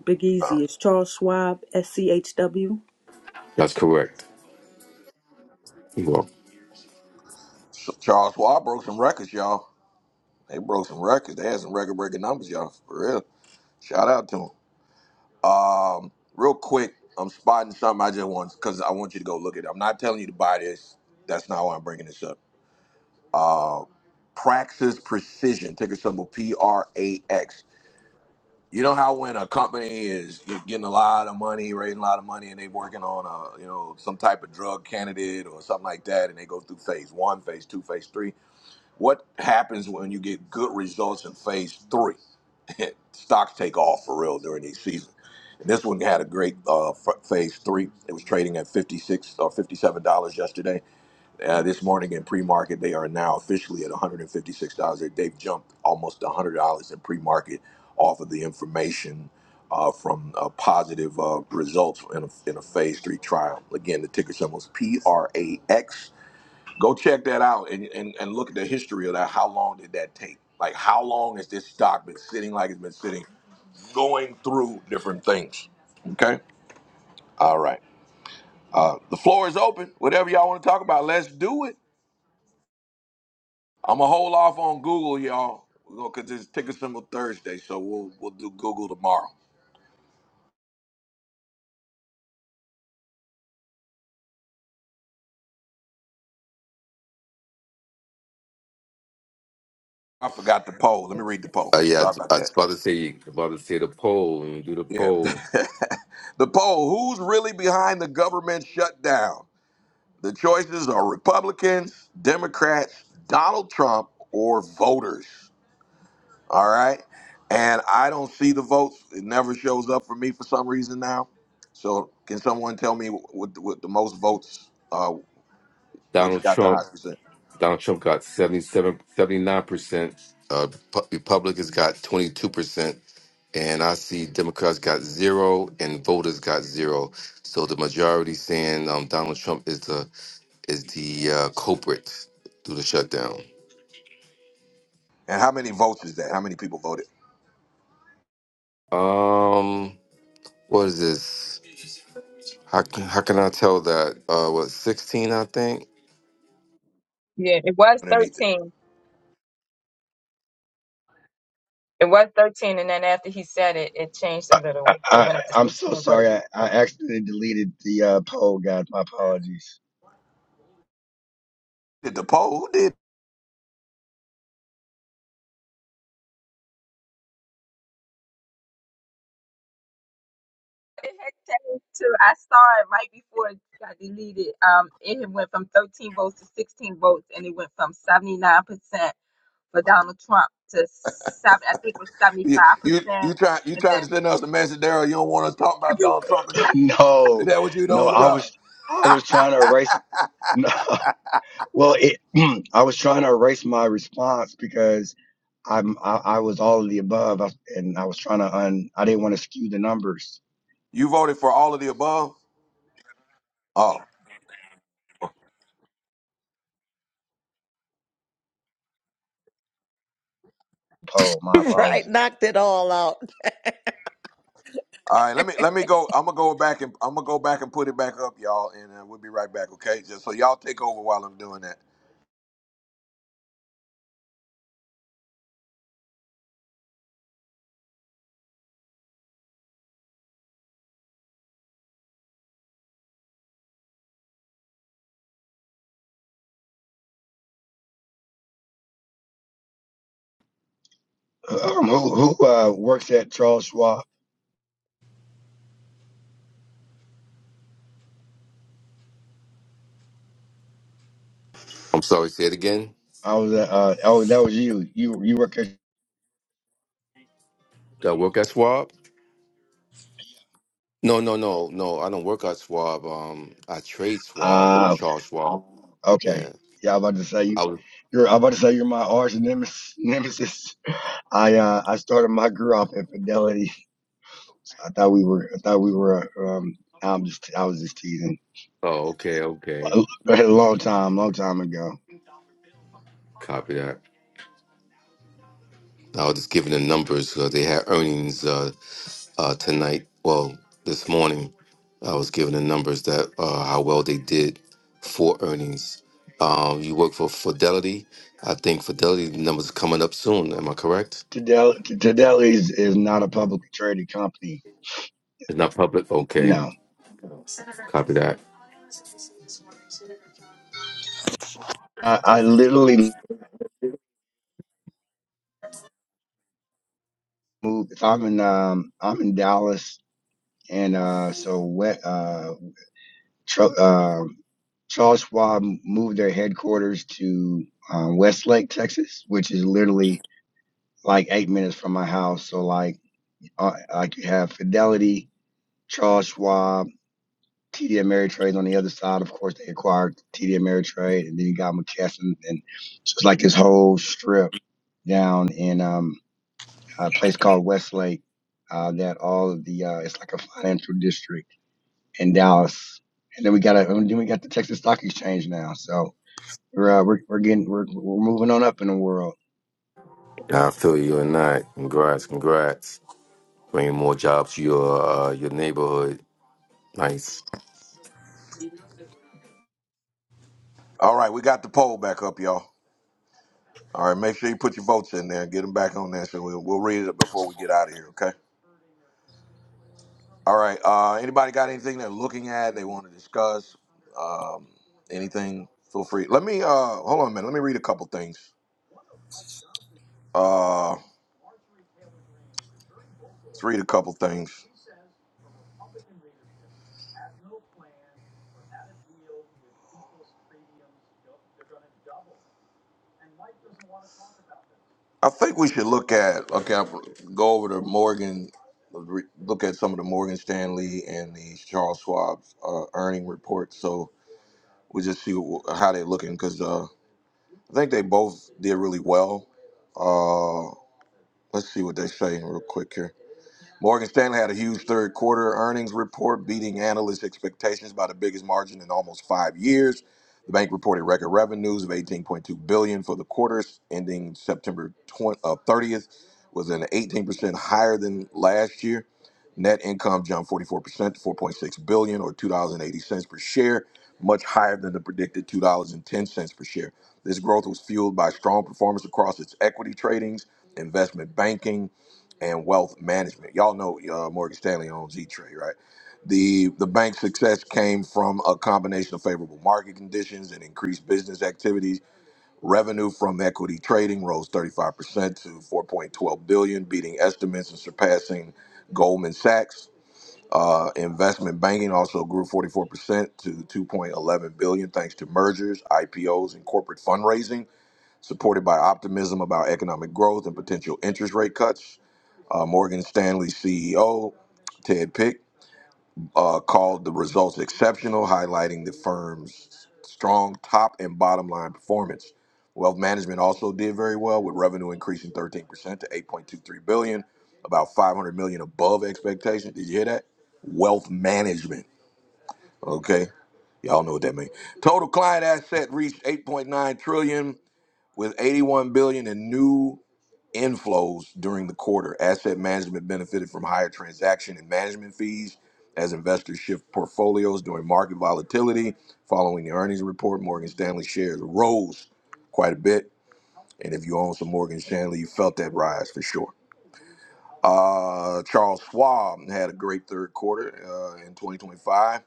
S3: Big Easy is Charles Schwab, SCHW.
S7: That's correct. You're welcome.
S1: So Charles Schwab broke some records, y'all. They broke some records. They had some record-breaking numbers, y'all. For real. Shout out to him. Um, real quick, I'm spotting something I just want because I want you to go look at it. I'm not telling you to buy this. That's not why I'm bringing this up. Uh, Praxis Precision, ticker symbol P R A X. You know how when a company is getting a lot of money, raising a lot of money, and they're working on a you know some type of drug candidate or something like that, and they go through phase one, phase two, phase three. What happens when you get good results in phase three? *laughs* Stocks take off for real during these seasons. And this one had a great uh, f- phase three. It was trading at 56 or $57 yesterday. Uh, this morning in pre market, they are now officially at $156. They- have jumped almost $100 in pre market off of the information uh, from uh, positive uh, results in a, in a phase three trial. Again, the ticker symbol is PRAX. Go check that out and, and, and look at the history of that. How long did that take? Like, how long has this stock been sitting like it's been sitting, going through different things? Okay. All right. Uh, the floor is open. Whatever y'all want to talk about, let's do it. I'm gonna hold off on Google, y'all. we cause it's ticker symbol Thursday, so we'll we'll do Google tomorrow. I forgot the poll. Let me read the poll.
S7: Uh, yeah,
S1: Sorry about
S7: I was
S1: that.
S7: about to say about to say the poll. When you do the
S1: Yeah.
S7: poll,
S1: *laughs* the poll, who's really behind the government shutdown? The choices are Republicans, Democrats, Donald Trump, or voters. All right. And I don't see the votes. It never shows up for me for some reason now. So can someone tell me what, what the most votes, uh, which
S7: Donald
S1: got the
S7: Trump,
S1: highest percent?
S7: Donald Trump got 77, 79 percent. Uh, Pu- Republicans got twenty two percent, and I see Democrats got zero and voters got zero. So the majority saying um, Donald Trump is the is the uh, culprit through the shutdown.
S1: And how many votes is that? How many people voted
S7: Um, what is this? How can how can I tell that? Uh, what sixteen? I think.
S4: Yeah, it was
S1: underneath it?
S4: 13. It was 13, and then after he said it, it changed a little. It
S11: I,
S4: went up to
S11: I'm
S4: 16,
S11: so
S4: but it
S11: sorry. I, I accidentally deleted the uh, poll, guys. My apologies. *laughs*
S1: Did the poll? Who did?
S4: had changed too. I saw it right before it got deleted. Um, it had went from 13 votes to 16 votes, and it went from 79% for Donald Trump to seven. I think it was
S1: You
S4: 75%,
S1: you, you try you
S4: and
S1: trying
S4: then
S1: to send us a message, Daryl? You don't want us talking
S4: *laughs*
S1: about Donald Trump? Is that is
S11: No,
S1: that what you
S11: no,
S1: doing,
S11: I
S1: bro?
S11: was I was trying to erase. *laughs* No, well, it, *clears throat* I was trying to erase my response because I'm I, I was all of the above, I, and I was trying to un. I didn't want to skew the numbers.
S1: You voted for all of the above? Oh.
S11: Poll. My
S2: *laughs* right,
S11: apologies.
S2: knocked it all out.
S1: All right, let me let me go. I'm gonna go back and I'm gonna go back and put it back up, y'all, and uh, we'll be right back. Okay, just so y'all take over while I'm doing that.
S11: Um, who who uh, works at Charles Schwab?
S7: I'm sorry. Say it again.
S11: I was at, uh oh that was you. You you work at
S7: That work at Swab. No, no, no, no. I don't work at Schwab. Um, I trade Schwab,
S11: ah okay
S7: Charles Schwab. Yeah,
S11: okay. Yeah, I was about to say you.
S7: I was.
S11: You're, I'm about to say you're my arch nemes- nemesis. *laughs* I uh, I started my career off infidelity. I thought we were. I thought we were. uh, Um, I'm just. I was just teasing.
S7: Oh, okay, okay.
S11: *laughs* A long time, long time ago.
S7: Copy that. I was just giving the numbers. Uh, they had earnings uh, uh, tonight. Well, this morning, I was giving the numbers that uh, how well they did for earnings. Um, you work for Fidelity. I think Fidelity numbers are coming up soon. Am I correct?
S11: Tadel Tadel is is not a publicly traded company.
S7: It's not public. Okay,
S11: No,
S7: copy that.
S11: I, I literally moved. If I'm in um, I'm in Dallas, and uh, so what? Uh, tr- uh, Charles Schwab moved their headquarters to uh, Westlake, Texas, which is literally like eight minutes from my house. So like uh, like you have Fidelity, Charles Schwab, TD Ameritrade on the other side. Of course, they acquired TD Ameritrade, and then you got McKesson, and so it's like this whole strip down in um, a place called Westlake. Uh, that all of the uh, it's like a financial district in Dallas, and then we got a, and then we got the Texas Stock Exchange now. So we're uh, we're, we're getting we're, we're moving on up in the world.
S7: I feel you on that. Congrats, congrats. bringing more jobs to your uh, your neighborhood. Nice.
S1: All right, we got the poll back up, y'all. All right, make sure you put your votes in there and get them back on there, so we'll, we'll read it before we get out of here. Okay. All right. Uh, anybody got anything they're looking at? They want to discuss um, anything? Feel free. Let me uh, hold on a minute. Let me read a couple things. Uh, let's read a couple things. I think we should look at okay, I'll go over to Morgan, re- look at some of the Morgan Stanley and the Charles Schwab uh, earning reports. So we just see wh- how they're looking because uh, I think they both did really well. Uh, let's see what they're saying real quick here. Morgan Stanley had a huge third quarter earnings report, beating analyst expectations by the biggest margin in almost five years. The bank reported record revenues of 18.2 billion dollars for the quarter ending September 20, uh, 30th, was an 18% higher than last year. Net income jumped 44% to 4.6 billion dollars or $2.80 per share, much higher than the predicted $2.10 per share. This growth was fueled by strong performance across its equity tradings, investment banking, and wealth management. Y'all know uh, Morgan Stanley owns E Trade, right? The the bank's success came from a combination of favorable market conditions and increased business activities. Revenue from equity trading rose 35% to 4.12 billion, beating estimates and surpassing Goldman Sachs. Uh, investment banking also grew 44% to 2.11 billion thanks to mergers, IPOs, and corporate fundraising, supported by optimism about economic growth and potential interest rate cuts uh, Morgan Stanley CEO Ted Pick uh, called the results exceptional, highlighting the firm's strong top and bottom line performance. Wealth management also did very well, with revenue increasing 13% to 8.23 billion, about 500 million above expectation. Did you hear that? Wealth management. Okay, y'all know what that means. Total client asset reached 8.9 trillion, with 81 billion in new inflows during the quarter. Asset management benefited from higher transaction and management fees as investors shift portfolios during market volatility. Following the earnings report, Morgan Stanley shares rose quite a bit. And if you own some Morgan Stanley, you felt that rise for sure. Uh, Charles Schwab had a great third quarter uh, in 2025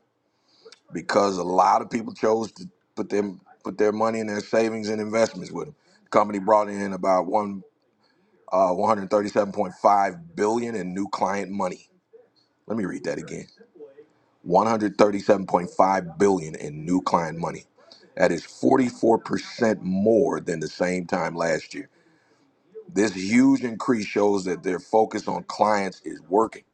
S1: because a lot of people chose to put them put their money in their savings and investments with them. The company brought in about one uh, 137.5 billion dollars in new client money. Let me read that again. 137.5 billion in new client money. That is 44% more than the same time last year. This huge increase shows that their focus on clients is working,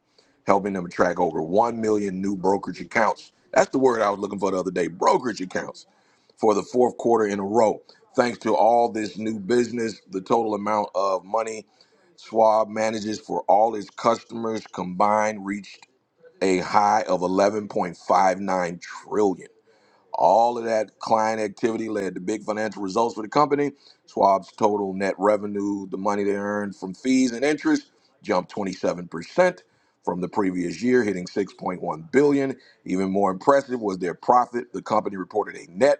S1: helping them attract over 1 million new brokerage accounts. That's the word I was looking for the other day, brokerage accounts for the fourth quarter in a row. Thanks to all this new business, the total amount of money Schwab manages for all its customers combined reached a high of 11.59 trillion. All of that client activity led to big financial results for the company. Schwab's total net revenue, the money they earned from fees and interest, jumped 27% from the previous year, hitting 6.1 billion. Even more impressive was their profit. The company reported a net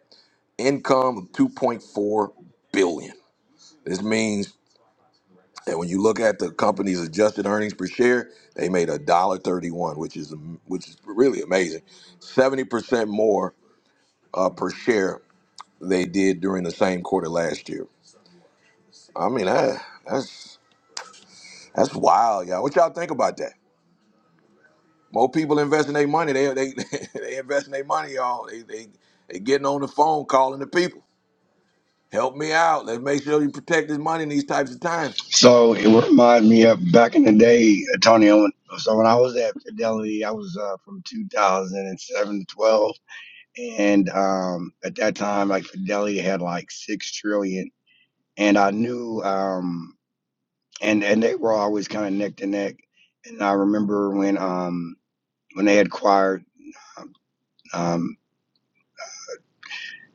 S1: income of 2.4 billion. This means and when you look at the company's adjusted earnings per share, they made a dollar thirty-one, which is mm, which is really amazing, seventy percent more uh, per share they did during the same quarter last year. I mean, that, that's that's wild, y'all. What y'all think about that? More people investing their money. They they *laughs* they investing their money, y'all. They they they getting on the phone, calling the people. Help me out. Let's make sure you protect this money in these types of times.
S11: So it would remind me of back in the day, Antonio. when- So when I was at Fidelity, I was uh, from 2007 to 12, and um, at that time, like Fidelity had like six trillion, and I knew, um, and and they were always kind of neck to neck. And I remember when um when they had acquired um, um,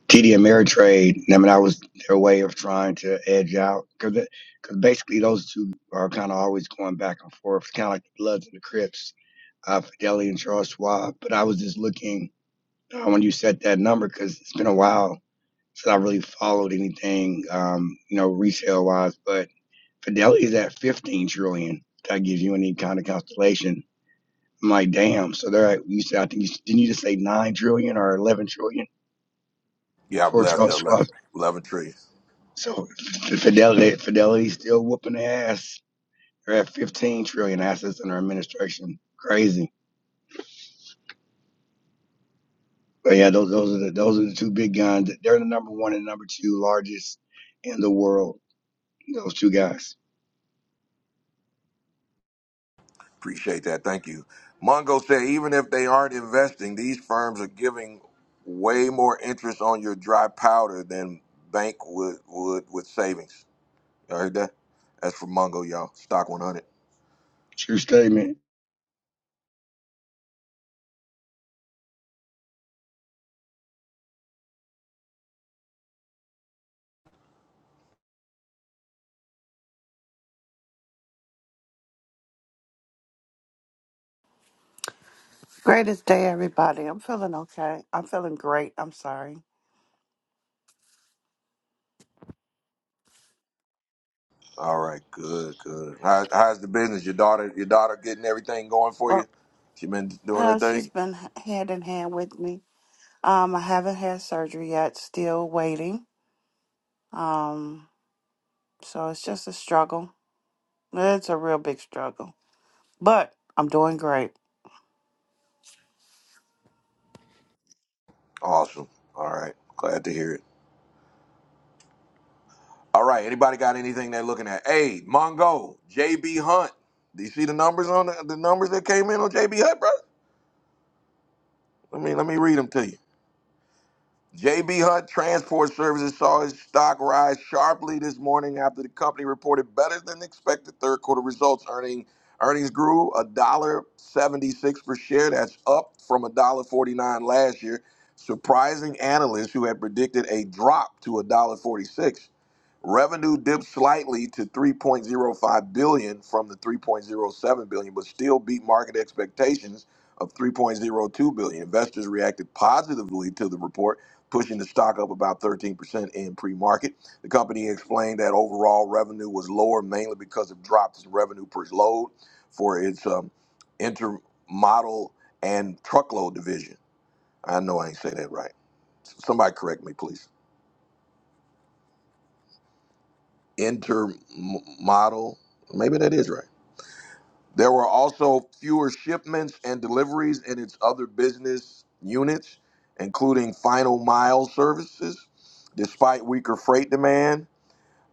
S11: TD Ameritrade. I mean, I was their way of trying to edge out because because basically those two are kind of always going back and forth, kind of like the Bloods and the Crips, uh, Fidelity and Charles Schwab. But I was just looking uh, when you said that number because it's been a while since I really followed anything, um, you know, resale wise. But Fidelity is at 15 trillion. If that gives you any kind of constellation. I'm like, damn. So they're at, you said I think you didn't you just say nine trillion or 11 trillion
S1: Yeah,
S11: for
S1: bless
S11: Charles
S1: that
S11: Schwab?
S1: eleven eleven tree.
S11: So F- Fidelity, Fidelity's still whooping their ass. They're at 15 trillion assets under administration. Crazy. But yeah, those those are the those are the two big guns. They're the number one and number two largest in the world. Those two guys.
S1: Appreciate that. Thank you. Mongo said, even if they aren't investing, these firms are giving way more interest on your dry powder than bank would would with savings. You heard that? That's from Mongo, y'all. Stock 100.
S11: True statement.
S12: Greatest day, everybody. I'm feeling okay. I'm feeling great. I'm sorry.
S1: All right, good, good. How, how's the business? Your daughter, your daughter getting everything going for you?
S12: Well,
S1: She been doing her
S12: well, she's
S1: thing.
S12: been hand in hand with me. Um, I haven't had surgery yet. Still waiting. Um, so it's just a struggle. It's a real big struggle, but I'm doing great.
S1: Awesome. All right, glad to hear it. All right, anybody got anything they're looking at? Hey, Mongo, JB Hunt. Do you see the numbers on the, the numbers that came in on JB Hunt, bro? Let me let me read them to you. JB Hunt Transport Services saw its stock rise sharply this morning after the company reported better than expected third quarter results. Earning earnings grew one dollar seventy-six per share. That's up from one dollar forty-nine last year, surprising analysts who had predicted a drop to one dollar forty-six. Revenue dipped slightly to 3.05 billion dollars from the 3.07 billion, dollars, but still beat market expectations of 3.02 billion. dollars. Investors reacted positively to the report pushing the stock up about 13% in pre-market. The company explained that overall revenue was lower mainly because of drops in revenue per load for its um, intermodal and truckload division. I know I ain't say that right. S- Somebody correct me, please. Intermodal, maybe that is right. There were also fewer shipments and deliveries in its other business units, including final mile services, despite weaker freight demand.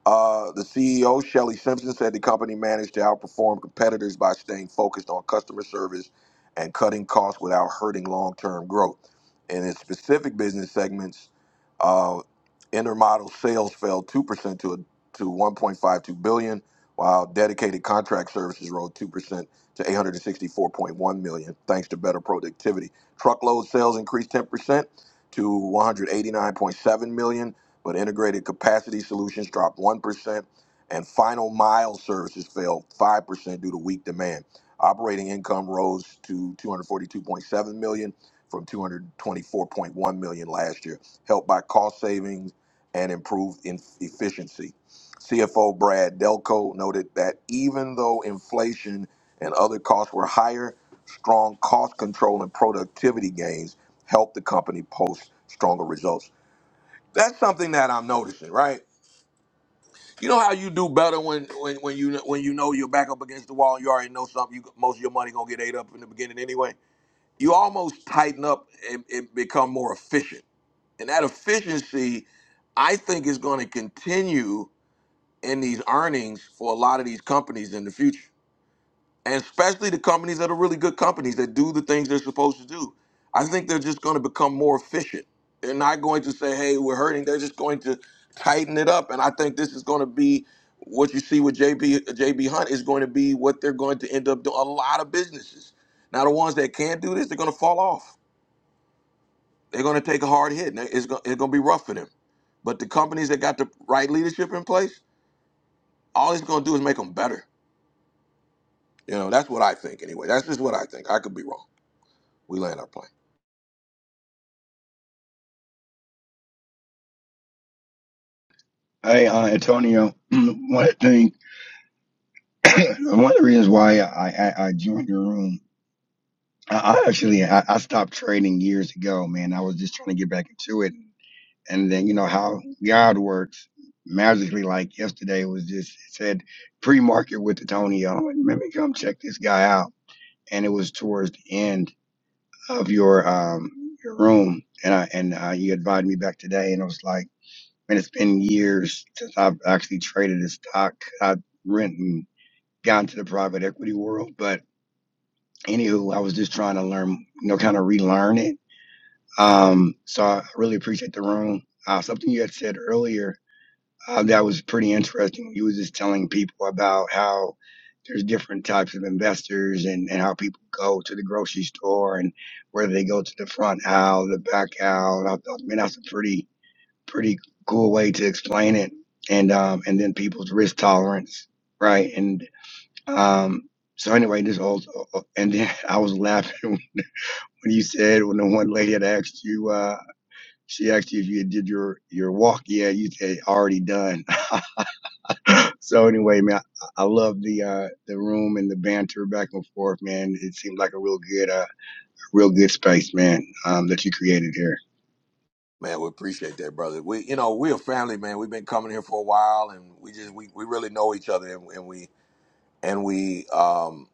S1: Uh, the CEO, Shelly Simpson, said the company managed to outperform competitors by staying focused on customer service and cutting costs without hurting long term growth. In its specific business segments, uh, intermodal sales fell 2% to, a, to 1.52 billion, while dedicated contract services rose 2% to 864.1 million, thanks to better productivity. Truckload sales increased 10% to 189.7 million but integrated capacity solutions dropped 1%, and final mile services fell 5% due to weak demand. Operating income rose to 242.7 million from 224.1 million last year, helped by cost savings and improved in efficiency. CFO Brad Delco noted that even though inflation and other costs were higher, strong cost control and productivity gains helped the company post stronger results. That's something that I'm noticing, right? You know how you do better when when, when you when you know you're back up against the wall and you already know something. You, most of your money gonna get ate up in the beginning anyway. You almost tighten up and, and become more efficient, and that efficiency, I think, is going to continue in these earnings for a lot of these companies in the future and especially the companies that are really good companies that do the things they're supposed to do. I think they're just going to become more efficient. They're not going to say, "Hey, we're hurting." They're just going to tighten it up, and I think this is going to be what you see with J. B. J. B. Hunt is going to be what they're going to end up doing. A lot of businesses now, the ones that can't do this, they're going to fall off. They're going to take a hard hit, and it's going, it's going to be rough for them. But the companies that got the right leadership in place, all it's going to do is make them better. You know, that's what I think. Anyway, that's just what I think. I could be wrong. We land our plane.
S11: Hey, uh, Antonio, *clears throat* one thing, *clears throat* one of the reasons why I, I, I joined your room, I, I actually I, I stopped trading years ago, man. I was just trying to get back into it. and then you know how God works magically. Like yesterday was just it said pre-market with Antonio. I'm like, Let me come check this guy out, and it was towards the end of your um your room, and I and uh, you invited me back today, and it was like, man, it's been years since I've actually traded a stock. I rent and got into the private equity world, but anywho, I was just trying to learn, you know, kind of relearn it. Um, so I really appreciate the room. Uh, something you had said earlier Uh, that was pretty interesting. He was just telling people about how there's different types of investors and, and how people go to the grocery store and whether they go to the front aisle, the back aisle. And I thought, man, that's a pretty pretty cool way to explain it. And um, and then people's risk tolerance, right? And um, so anyway, this old and then *laughs* I was laughing *laughs* when you said when the one lady had asked you, uh, she asked you if you did your your walk. Yeah, you said already done. *laughs* So anyway, man, I, I love the uh, the room and the banter back and forth, man. It seemed like a real good, uh, real good space, man, um, that you created here.
S1: Man, we appreciate that, brother. We, you know, we're a family, man. We've been coming here for a while, and we just we, we really know each other, and, and we and we um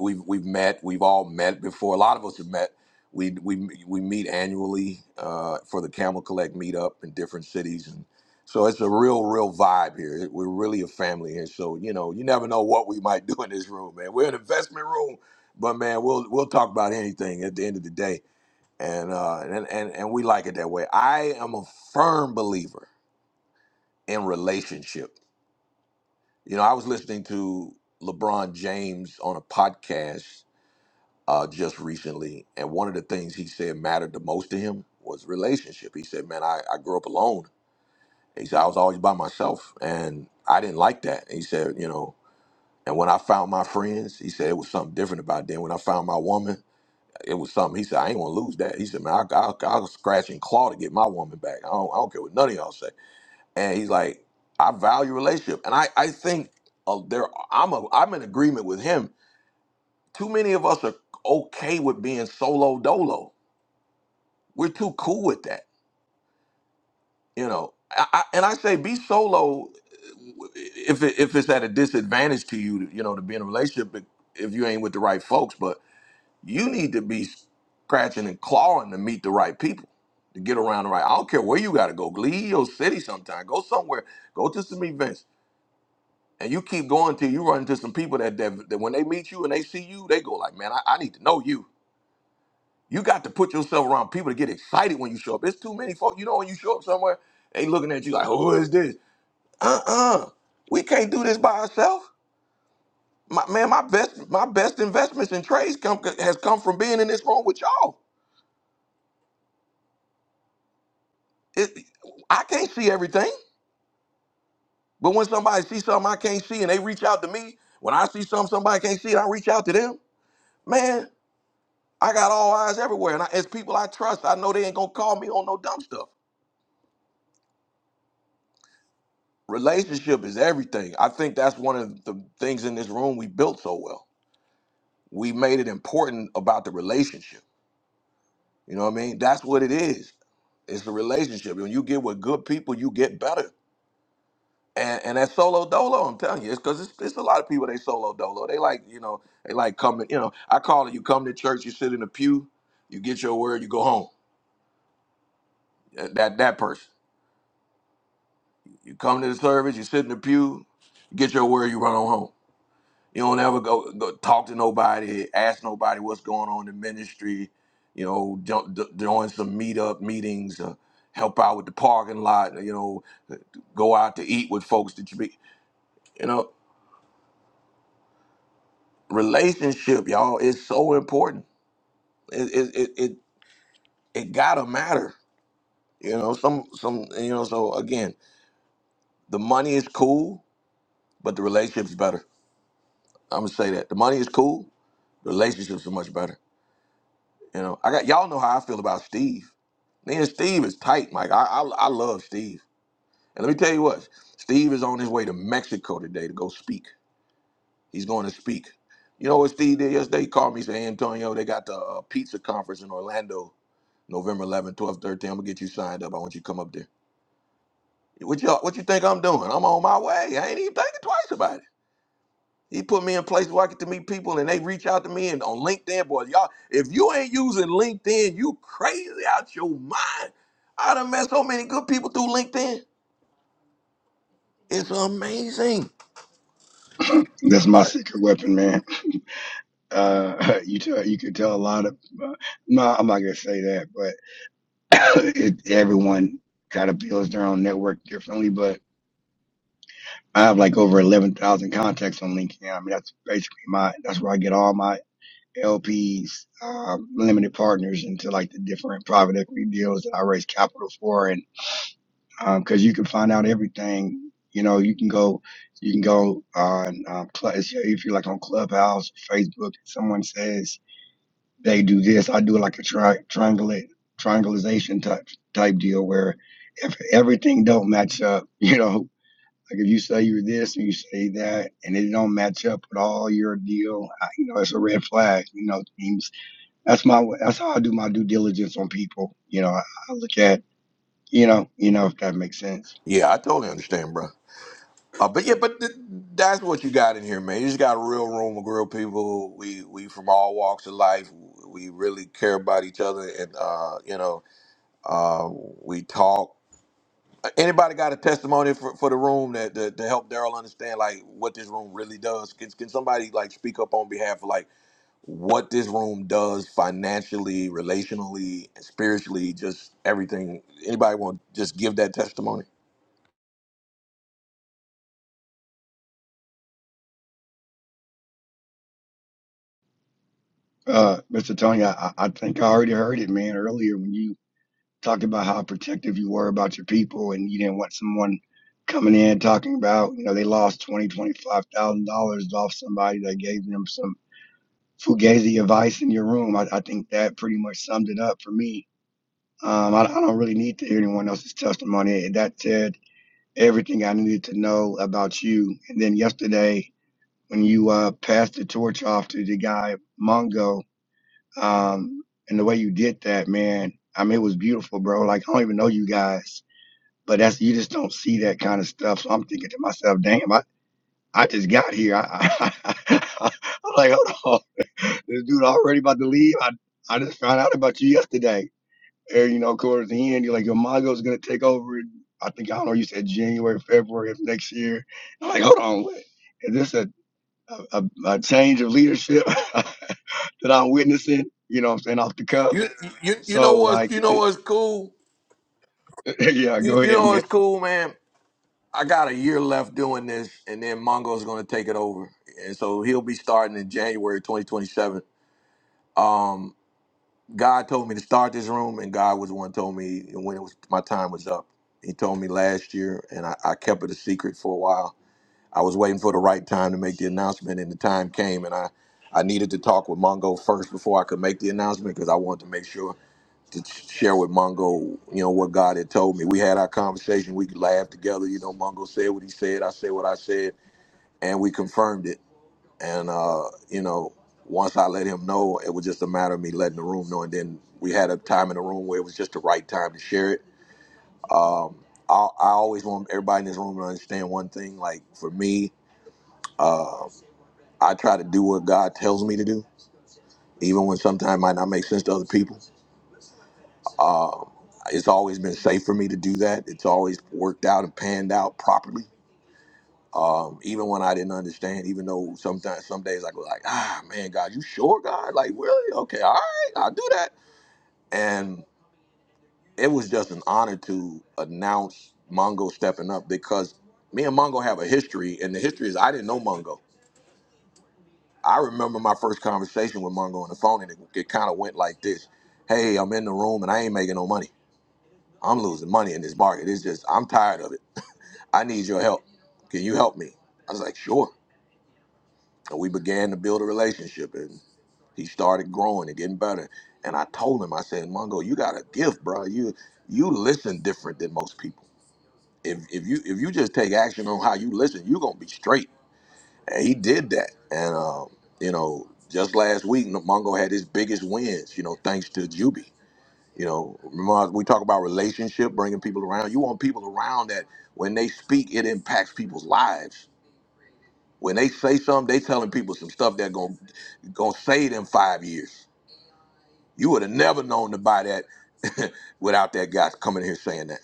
S1: we've we've met, we've all met before. A lot of us have met. We we we meet annually uh, for the Camel Collect meetup in different cities, and so it's a real real vibe here. We're really a family here, so you know, you never know what we might *laughs* do in this room, man. We're an investment room, but man, we'll we'll talk about anything at the end of the day and uh and, and and we like it that way i am a firm believer in relationship you know i was listening to lebron james on a podcast uh just recently and one of the things he said mattered the most to him was relationship he said man i, I grew up alone he said i was always by myself and i didn't like that he said you know and when i found my friends he said it was something different about them. when i found my woman It was something. He said, I ain't gonna lose that. He said, man, I, I, I'll scratch and claw to get my woman back. I don't, I don't care what none of y'all say. And he's like, I value relationship, and I, I think uh, there, I'm a, I'm in agreement with him. Too many of us are okay with being solo dolo. We're too cool with that, you know. I, I, and I say, be solo uh, if it, if it's at a disadvantage to you, you know, to be in a relationship if you ain't with the right folks. But You need to be scratching and clawing to meet the right people, to get around the right. I don't care where you got to go. Leave your city sometime. Go somewhere. Go to some events. And you keep going till you run into some people that, that, that when they meet you and they see you, they go like, man, I, I need to know you. You got to put yourself around people to get excited when you show up. It's too many folks. You know when you show up somewhere, they looking at you like, who is this? Uh-uh. We can't do this by ourselves. My, man, my best my best investments in trades come has come from being in this room with y'all. It, I can't see everything, but when somebody sees something I can't see and they reach out to me, when I see something somebody can't see, and I reach out to them. Man, I got all eyes everywhere, and I, as people I trust, I know they ain't gonna call me on no dumb stuff. Relationship is everything. I think that's one of the things in this room we built so well. We made it important about the relationship. You know what I mean? That's what it is. It's a relationship. When you get with good people, you get better. and and that solo dolo, I'm telling you, it's because it's, it's a lot of people they solo dolo. They like you know they like coming. You know, I call it you come to church, you sit in the pew, you get your word, you go home. That that that person. You come to the service, you sit in the pew, you get your word, you run on home. You don't ever go, go talk to nobody, ask nobody what's going on in the ministry. You know, jo- jo- join some meetup meetings, uh, help out with the parking lot. You know, go out to eat with folks that you meet. You know. relationship, y'all, is so important. It it it it, it gotta matter. You know, some some you know. So again, the money is cool, but the relationship's better. I'm gonna say that the money is cool, the relationships are much better. You know, I got y'all know how I feel about Steve. Me and Steve is tight, Mike. I I, I love Steve. And let me tell you what, Steve is on his way to Mexico today to go speak. He's going to speak. You know what Steve did yesterday? He called me, said, "Hey, Antonio, they got the uh, pizza conference in Orlando, November 11th, 12, 13. I'm gonna get you signed up. I want you to come up there. What you what you think I'm doing? I'm on my way. I ain't even thinking twice about it. He put me in places where I get to meet people, and they reach out to me and on LinkedIn, boy, y'all. If you ain't using LinkedIn, you crazy out your mind. I done met so many good people through LinkedIn. It's amazing.
S11: That's my
S1: All right.
S11: secret weapon, man. Uh, *laughs* you tell, you could tell a lot of. Uh, no, I'm not gonna say that, but *coughs* it, everyone kind of builds their own network differently. But I have like over eleven thousand contacts on LinkedIn. I mean, that's basically my. That's where I get all my LPs, um, limited partners into like the different private equity deals that I raise capital for. And um 'cause cause you can find out everything, you know, you can go, you can go on, um, Cl- if you're like on Clubhouse, Facebook, someone says they do this. I do like a tri- triangulate, triangulation type, type deal where if everything don't match up, *laughs* you know, like if you say you're this and you say that and it don't match up with all your deal, I, you know, it's a red flag, you know, things that's my way- that's how I do my due diligence on people. You know, I, I look at you know you know if that makes sense.
S1: Yeah, I totally understand, bro. Uh, but yeah, but th- that's what you got in here, man. You just got real room of real people. We we from all walks of life. We really care about each other, and uh, you know, uh, we talk. Anybody got a testimony for, for the room that, that to help Daryl understand like what this room really does? Can, can somebody like speak up on behalf of like what this room does financially, relationally, spiritually, just everything? Anybody want to just give that testimony?
S11: Uh, Mr. Tony, I, I think I already heard it, man, earlier when you talked about how protective you were about your people and you didn't want someone coming in talking about you know they lost twenty twenty five thousand dollars off somebody that gave them some fugazi advice in your room. I, I think that pretty much summed it up for me. Um, I, I don't really need to hear anyone else's testimony. That said, everything I needed to know about you. And then yesterday, when you uh, passed the torch off to the guy Mongo, um, and the way you did that, man, I mean, it was beautiful, bro. Like I don't even know you guys, but that's you just don't see that kind of stuff. So I'm thinking to myself, damn, I, I just got here. I, *laughs* I, I'm like, hold on, *laughs* this dude already about to leave. I, I just found out about you yesterday. And you know, of course, the end, you're like, your Mongo's gonna take over. I think I don't know. You said January, February of next year. I'm like, hold on, wait, Is this a a, a a change of leadership *laughs* that I'm witnessing? You know, what I'm saying off the cuff.
S1: You you you know
S11: So
S1: what's
S11: like,
S1: you know what's cool?
S11: *laughs* yeah,
S1: You,
S11: go
S1: you
S11: ahead,
S1: know, it's
S11: man.
S1: cool, man. I got a year left doing this, and then Mongo's going to take it over. And so he'll be starting in January 2027. Um, God told me to start this room, and God was the one who told me when it was my time was up. He told me last year, and I, I kept it a secret for a while. I was waiting for the right time to make the announcement, and the time came, and I, I needed to talk with Mongo first before I could make the announcement because I wanted to make sure to share with Mongo, you know, what God had told me. We had our conversation. We laughed together. You know, Mongo said what he said. I said what I said, and we confirmed it. And uh, you know, once I let him know, it was just a matter of me letting the room know. And then we had a time in the room where it was just the right time to share it. Um, I, I always want everybody in this room to understand one thing. Like for me, uh, I try to do what God tells me to do, even when sometimes it might not make sense to other people Um, it's always been safe for me to do that. It's always worked out and panned out properly. Um, even when I didn't understand, even though sometimes some days I go like, ah man, God, you sure, God? Like, really? Okay, all right, I'll do that. And it was just an honor to announce Mongo stepping up because me and Mongo have a history, and the history is I didn't know Mongo. I remember my first conversation with Mongo on the phone, and it, it kind of went like this: Hey, I'm in the room, and I ain't making no money. I'm losing money in this market. It's just I'm tired of it. I need your help. Can you help me? I was like, sure. And we began to build a relationship and he started growing and getting better. And I told him, I said, Mongo, you got a gift, bro. You you listen different than most people. If if you if you just take action on how you listen, you're gonna be straight. And he did that. And um, you know, just last week Mongo had his biggest wins, you know, thanks to Juby. You know, remember we talk about relationship, bringing people around. You want people around that when they speak, it impacts people's lives When they say something, they telling people some stuff that going to gonna save them five years. You would have never known to buy that *laughs* without that guy coming here saying that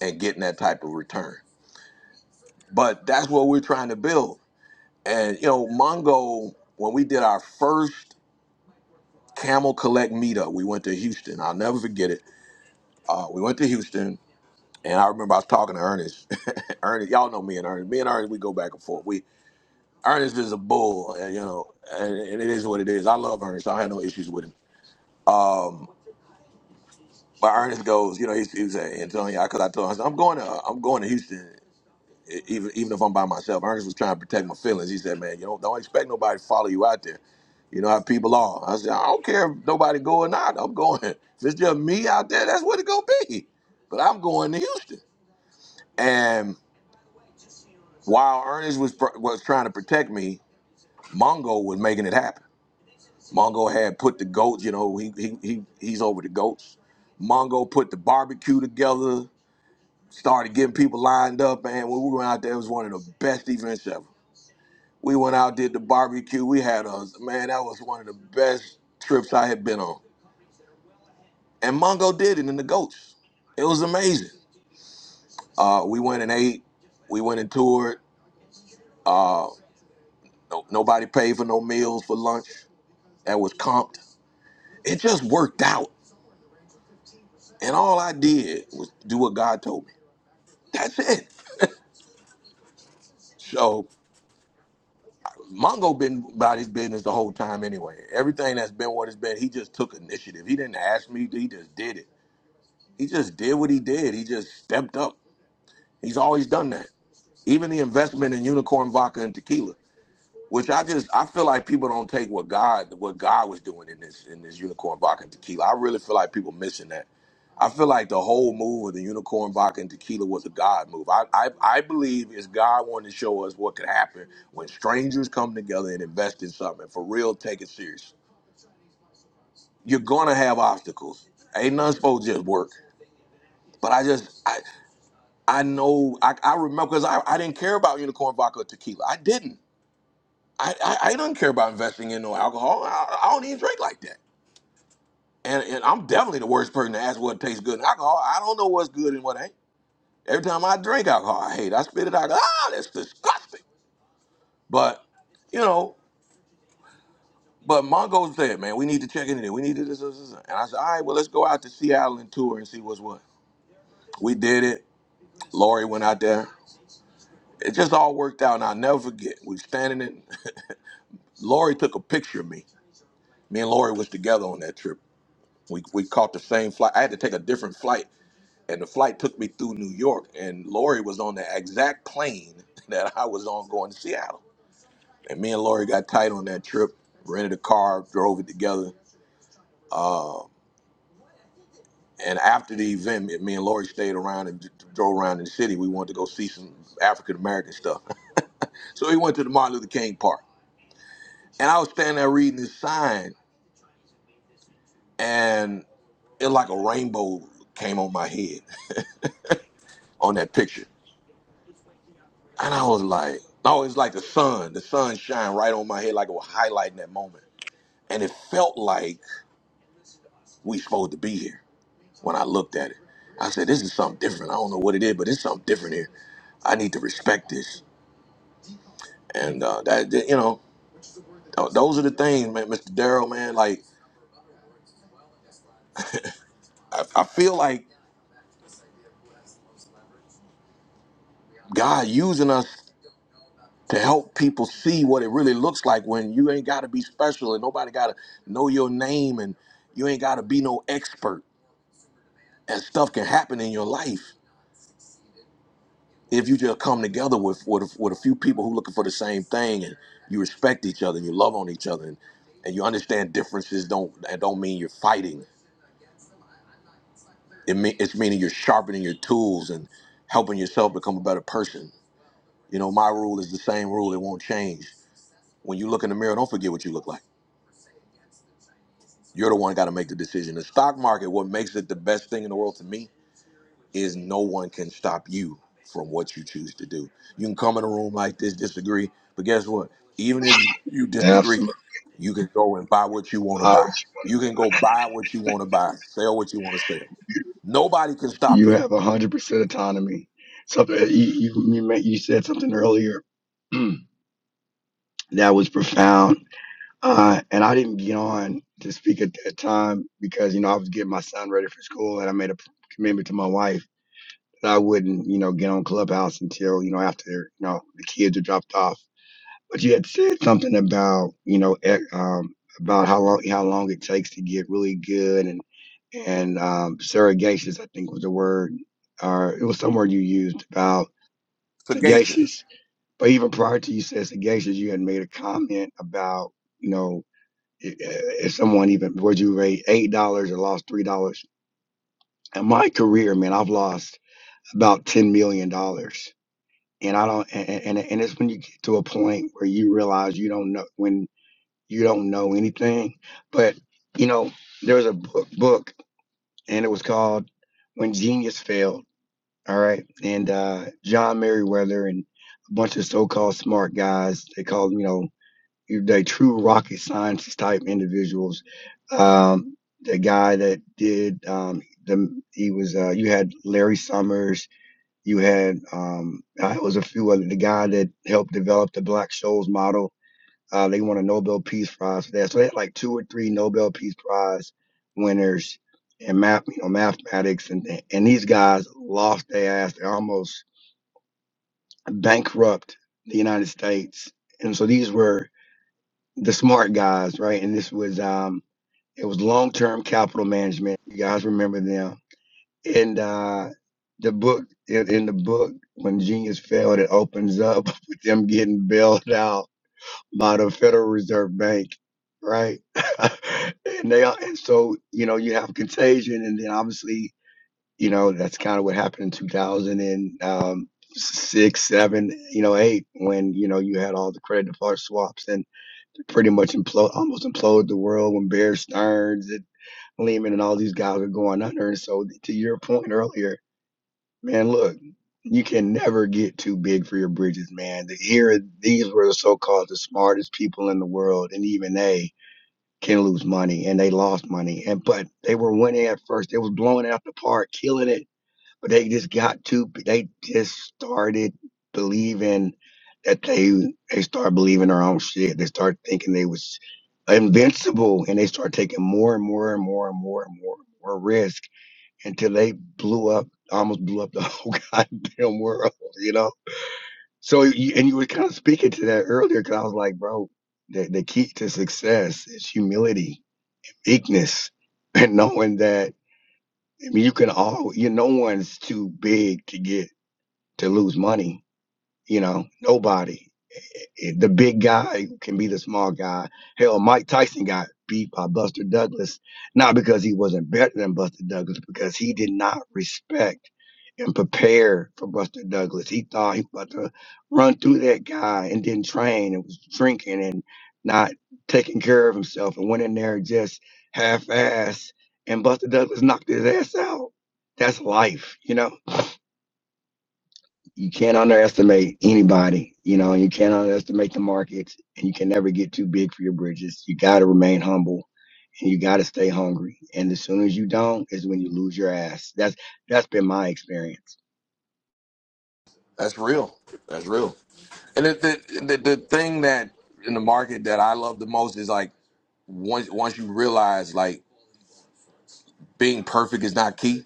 S1: and getting that type of return. But that's what we're trying to build. And you know, Mongo, when we did our first Camel Collect meetup, we went to Houston. I'll never forget it. Uh, we went to Houston, and I remember I was talking to Ernest. *laughs* Ernest, y'all know me and Ernest. Me and Ernest, we go back and forth. We Ernest is a bull, and, you know, and, and it is what it is. I love Ernest. I had no issues with him But Ernest goes, you know, he, he was at Antonio because I told him I said, I'm going to I'm going to Houston, e- even even if I'm by myself. Ernest was trying to protect my feelings. He said, man, you don't don't expect nobody to follow you out there. You know how people are. I said, I don't care if nobody go or not. I'm going. *laughs* If it's just me out there, that's what it gonna be. But I'm going to Houston. And while Ernest was pr- was trying to protect me, Mongo was making it happen. Mongo had put the goats. You know, he he, he he's over the goats. Mongo put the barbecue together. started getting people lined up, and when we went out there, it was one of the best events ever. We went out, did the barbecue. We had a man, that was one of the best trips I had been on. And Mongo did it in the goats. It was amazing. Uh, we went and ate. We went and toured. Uh, no, nobody paid for no meals for lunch. That was comped. It just worked out. And all I did was do what God told me. That's it. So Mongo been about his business the whole time anyway. Everything that's been what it's been, he just took initiative. He didn't ask me, he just did it. He just did what he did. He just stepped up. He's always done that. Even the investment in unicorn vodka and tequila which I just I feel like people don't take what God what God was doing in this in this unicorn vodka and tequila. I really feel like people missing that. I feel like the whole move of the unicorn vodka and tequila was a God move. I I, I believe it's God wanting to show us what could happen when strangers come together and invest in something for real. Take it serious. You're gonna have obstacles. Ain't nothing supposed to just work. But I just I I know I, I remember because I, I didn't care about unicorn vodka or tequila. I didn't. I, I, I don't care about investing in no alcohol. I, I don't even drink like that. And, and I'm definitely the worst person to ask what tastes good in alcohol. I don't know what's good and what ain't. Every time I drink alcohol, I hate. it. I spit it out. Ah, that's disgusting. But you know, but Mongo said, man, we need to check into it. We need to this, this, this. And I said, all right, well, let's go out to Seattle and tour and see what's what. We did it. Lori went out there. It just all worked out, and I'll never forget. We were standing in. *laughs* Lori took a picture of me. Me and Lori was together on that trip we we caught the same flight. I had to take a different flight, and the flight took me through New York. And Lori was on the exact plane *laughs* that I was on going to Seattle. And me and Lori got tight on that trip. Rented a car, drove it together. Uh, and after the event, me me and Lori stayed around and d- d- drove around in the city. We wanted to go see some African American stuff. *laughs* So we went to the Martin Luther King Park. And I was standing there reading this sign, and it like a rainbow came on my head *laughs* on that picture. And I was like, no, it's like the sun. The sun shine right on my head like it was highlighting that moment. And it felt like we supposed to be here when I looked at it. I said, this is something different. I don't know what it is, but it's something different here. I need to respect this. And uh, that, that- you know, th- those are the things, man, Mr. Darrell, man. Like, I, I feel like God using us to help people see what it really looks like when you ain't got to be special and nobody got to know your name and you ain't got to be no expert and stuff can happen in your life if you just come together with with, a, with a few people who looking for the same thing and you respect each other and you love on each other and, and you understand differences don't that don't mean you're fighting it mean, it's meaning you're sharpening your tools and helping yourself become a better person you know my rule is the same rule it won't change when you look in the mirror don't forget what you look like you're the one got to make the decision the stock market what makes it the best thing in the world to me is no one can stop you from what you choose to do. You can come in a room like this, disagree, but guess what? Even if you, you disagree,
S11: Absolutely,
S1: you can go and buy what you want to
S11: I
S1: buy.
S11: would-
S1: You can go buy what you want to buy, sell what you want to sell. Nobody can stop
S11: you
S1: you.
S11: have one hundred percent autonomy. Something you you you ma- you said something earlier *clears throat* that was profound Uh, and I didn't get on to speak at that time because, you know, I was getting my son ready for school and I made a p- commitment to my wife that I wouldn't, you know, get on Clubhouse until, you know, after, you know, the kids are dropped off. But you had said something about, you know, ec- um, about how long, how long it takes to get really good and, and, um, surrogatious, I think was the word, or it was some word you used about
S1: Sagacious.
S11: sagacious. But even prior to you said sagacious, you had made a comment about, you know, if someone even would you rate eight dollars or lost three dollars in my career man i've lost about 10 million dollars and i don't and, and and it's when you get to a point where you realize you don't know when you don't know anything but you know there was a book book and it was called when genius failed all right and uh john merriweather and a bunch of so-called smart guys they called you know they true rocket scientist type individuals. Um, the guy that did um, the he was uh, you had Larry Summers, you had um, uh, it was a few other the guy that helped develop the Black Scholes model. Uh, they won a Nobel Peace Prize for that. So they had like two or three Nobel Peace Prize winners in math, you know, mathematics, and and these guys lost their ass. They almost bankrupt the United States. And so these were the smart guys, right? And this was um it was long term capital management. You guys remember them. And uh the book in, in the book, when genius failed, it opens up *laughs* with them getting bailed out by the Federal Reserve Bank, right? *laughs* and they are- and so, you know, you have contagion and then obviously, you know, that's kind of what happened in two thousand and um six, seven, you know, eight, when, you know, you had all the credit default swaps and pretty much implode, almost implode the world when Bear Stearns and Lehman and all these guys are going under. And so, to your point earlier, man, look, you can never get too big for your bridges, man. The, here, these were the so-called the smartest people in the world, and even they can lose money, and they lost money, and but they were winning at first. They was blowing it out the park, killing it but they just got too they just started believing that they they started believing their own shit they started thinking they was invincible and they started taking more and more and more and more and more and more risk until they blew up almost blew up the *laughs* whole goddamn world you know so you, and you were kind of speaking to that earlier because i was like bro the, the key to success is humility meekness *laughs* and knowing that I mean, you can all you no one's too big to get to lose money. You know, nobody. Eh, eh, The big guy can be the small guy. Hell, Mike Tyson got beat by Buster Douglas, not because he wasn't better than Buster Douglas, because he did not respect and prepare for Buster Douglas. He thought he was about to run through that guy and didn't train and was drinking and not taking care of himself and went in there just half assed and Buster Douglas knocked his ass out. That's life, you know? you can't underestimate anybody. You know, you can't underestimate the market, and you can never get too big for your bridges. You got to remain humble, and you got to stay hungry. And as soon as you don't, is when you lose your ass. That's that's been my experience.
S1: That's real. That's real. And the, the, the, the thing that in the market that I love the most is like once once you realize like being perfect is not key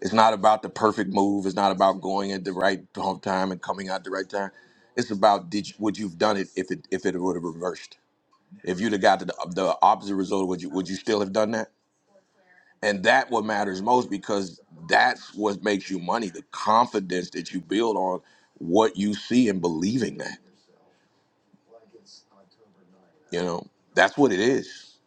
S1: It's not about the perfect move. It's not about going at the right time and coming out the right time. It's about did you, would you've done it if it if it would have reversed. If you'd have got the, the opposite result, would you would you still have done that? And that what matters most because that's what makes you money. The confidence that you build on what you see and believing that. You know that's what it is.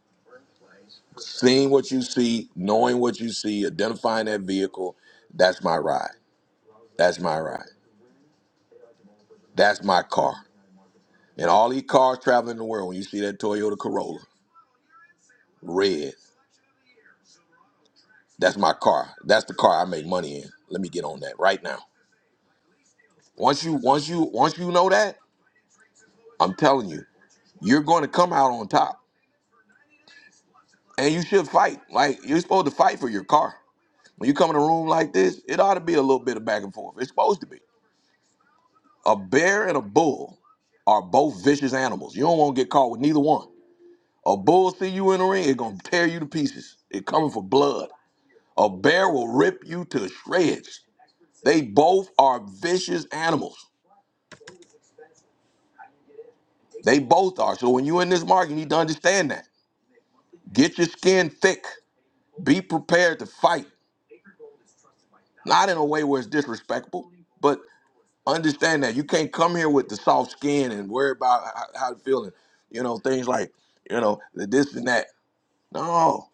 S1: Seeing what you see, knowing what you see, identifying that vehicle. That's my ride. That's my ride. That's my car. And all these cars traveling the world, when you see that Toyota Corolla, red, that's my car. That's the car I make money in. Let me get on that right now. Once you once you once you know that, I'm telling you, you're going to come out on top. And you should fight. Like you're supposed to fight for your car. When you come in a room like this, it ought to be a little bit of back and forth. It's supposed to be. A bear and a bull are both vicious animals. You don't want to get caught with neither one. A bull see you in the ring, it gonna tear you to pieces. It coming for blood. A bear will rip you to shreds. They both are vicious animals. They both are. So when you're in this market, you need to understand that. Get your skin thick. Be prepared to fight. Not in a way where it's disrespectful, but understand that you can't come here with the soft skin and worry about how, how it feeling. You know things like you know the this and that. No,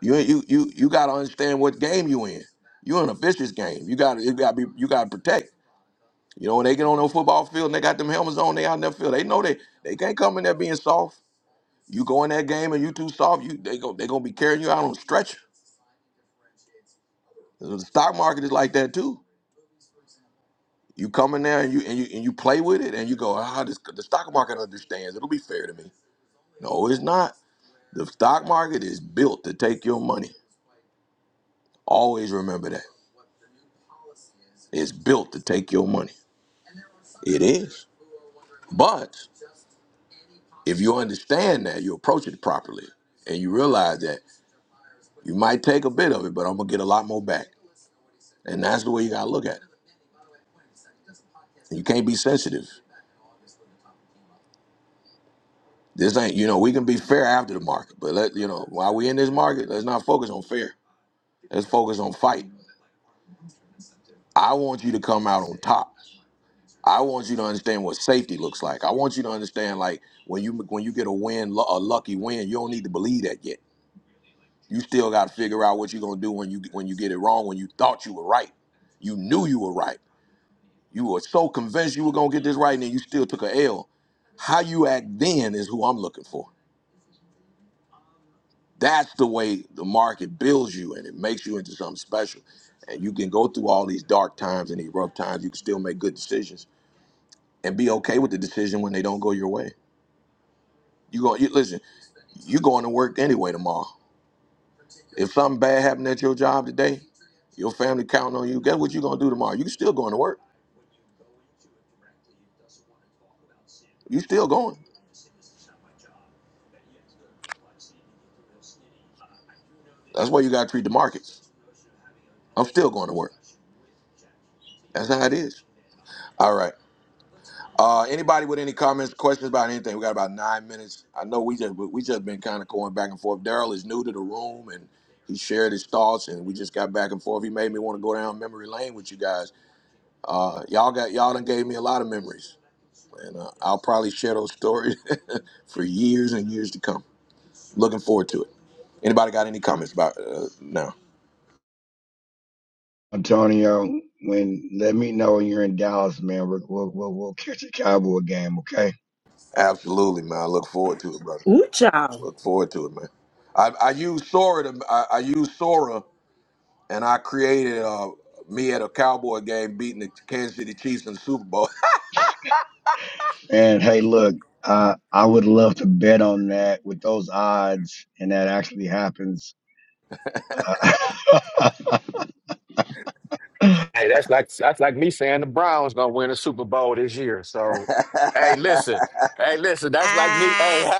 S1: you you you you got to understand what game you in. You're in a vicious game. You got to you got to be you got to protect. You know, when they get on the football field and they got them helmets on, they out in that field. They know they they can't come in there being soft. You go in that game and you too soft, you they go they gonna be carrying you out on a stretcher. The stock market is like that too. You come in there and you and you and you play with it and you go, ah, this, the stock market understands. It'll be fair to me. No, it's not. The stock market is built to take your money. Always remember that. It's built to take your money. It is. But if you understand that, you approach it properly and you realize that. You might take a bit of it, but I'm gonna get a lot more back. And that's the way you gotta look at it. You can't be sensitive. This ain't you know, we can be fair after the market, but let you know, while we in this market, let's not focus on fair. Let's focus on fight. I want you to come out on top. I want you to understand what safety looks like. I want you to understand like when you when you get a win, lu- a lucky win, you don't need to believe that yet. You still got to figure out what you're gonna do when you when you get it wrong. When you thought you were right, you knew you were right. You were so convinced you were gonna get this right, and then you still took a L. How you act then is who I'm looking for. That's the way the market builds you, and it makes you into something special. And you can go through all these dark times and these rough times. You can still make good decisions and be okay with the decision when they don't go your way. You go. you, listen. You going to work anyway tomorrow. If something bad happened at your job today, your family counting on you. Guess what you gonna do tomorrow? You still going to work. You still going. That's why you gotta treat the markets. I'm still going to work. That's how it is. All right. Uh, anybody with any comments, questions about anything? We got about nine minutes. I know we just we just been kind of going back and forth. Daryl is new to the room, and he shared his thoughts, and we just got back and forth. He made me want to go down memory lane with you guys. Uh, y'all got y'all done gave me a lot of memories, and uh, I'll probably share those stories *laughs* for years and years to come. Looking forward to it. Anybody got any comments about uh, no?
S11: Antonio, when let me know when you're in Dallas, man. We'll we'll we'll, we'll catch a Cowboy game, okay?
S1: Absolutely, man. I look forward to it, brother.
S3: Ooh, child.
S1: Look forward to it, man. I, I use Sora to I, I use Sora and I created uh, me at a Cowboy game beating the Kansas City Chiefs in the Super Bowl.
S11: And hey, look. Uh, I would love to bet on that with those odds, and that actually happens. *laughs*
S13: Hey, that's like that's like me saying the Browns gonna win a Super Bowl this year.
S1: *laughs* hey,
S13: So, hey, listen, hey, listen, that's like me.
S6: Ah,
S13: Hey,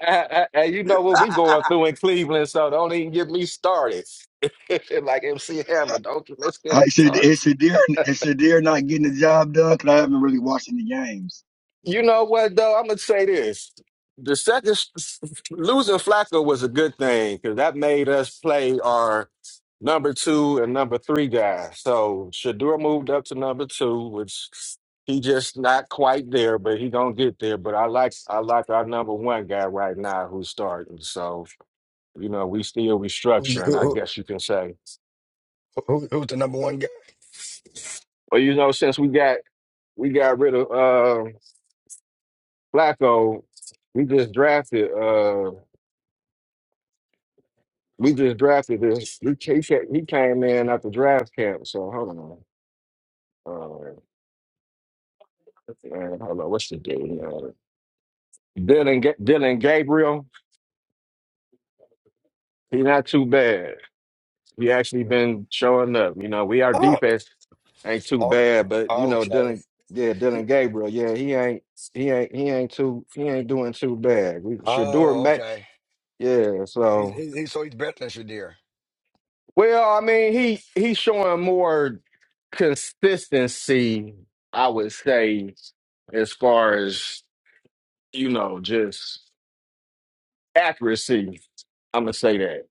S13: *laughs* hey, you know what we going through in Cleveland, so don't even get me started. *laughs* like MC Hammer, don't get- let's get
S11: I
S13: it
S11: said,
S13: started.
S11: is Shadir, is Shadir not getting the job done. Cause I haven't really watched any games.
S13: You know what though? I'm gonna say this: the second *laughs* losing Flacco was a good thing because that made us play our number two and number three guys. So Shadur moved up to number two, which he just not quite there, but he gonna get there. But I like I like our number one guy right now who's starting. So you know we still
S11: Who,
S13: restructuring, I
S11: who,
S13: guess you can say.
S11: who- who's the number one guy?
S13: But you know since we got we got rid of uh, Flacco, we just drafted. Uh, We just drafted this. He, he, ca- he came in at the draft camp. So hold on. Uh, man, hold on. What's the game? Uh, Dylan, Ga- Dylan Gabriel. He not too bad. He actually been showing up. You know, we our
S11: Oh,
S13: defense ain't too
S11: okay.
S13: bad, but you know,
S11: okay.
S13: Dylan. Yeah, Dylan Gabriel. Yeah, he ain't. He ain't. He ain't too. He ain't doing too bad. We Shador
S11: Oh,
S13: Mack.
S11: okay.
S13: Yeah.
S11: He's,
S13: So.
S11: he's, he's so he's better than Shadir.
S13: Well, I mean, he he's showing more consistency, I would say, as far as you know, just accuracy. I'm gonna say that,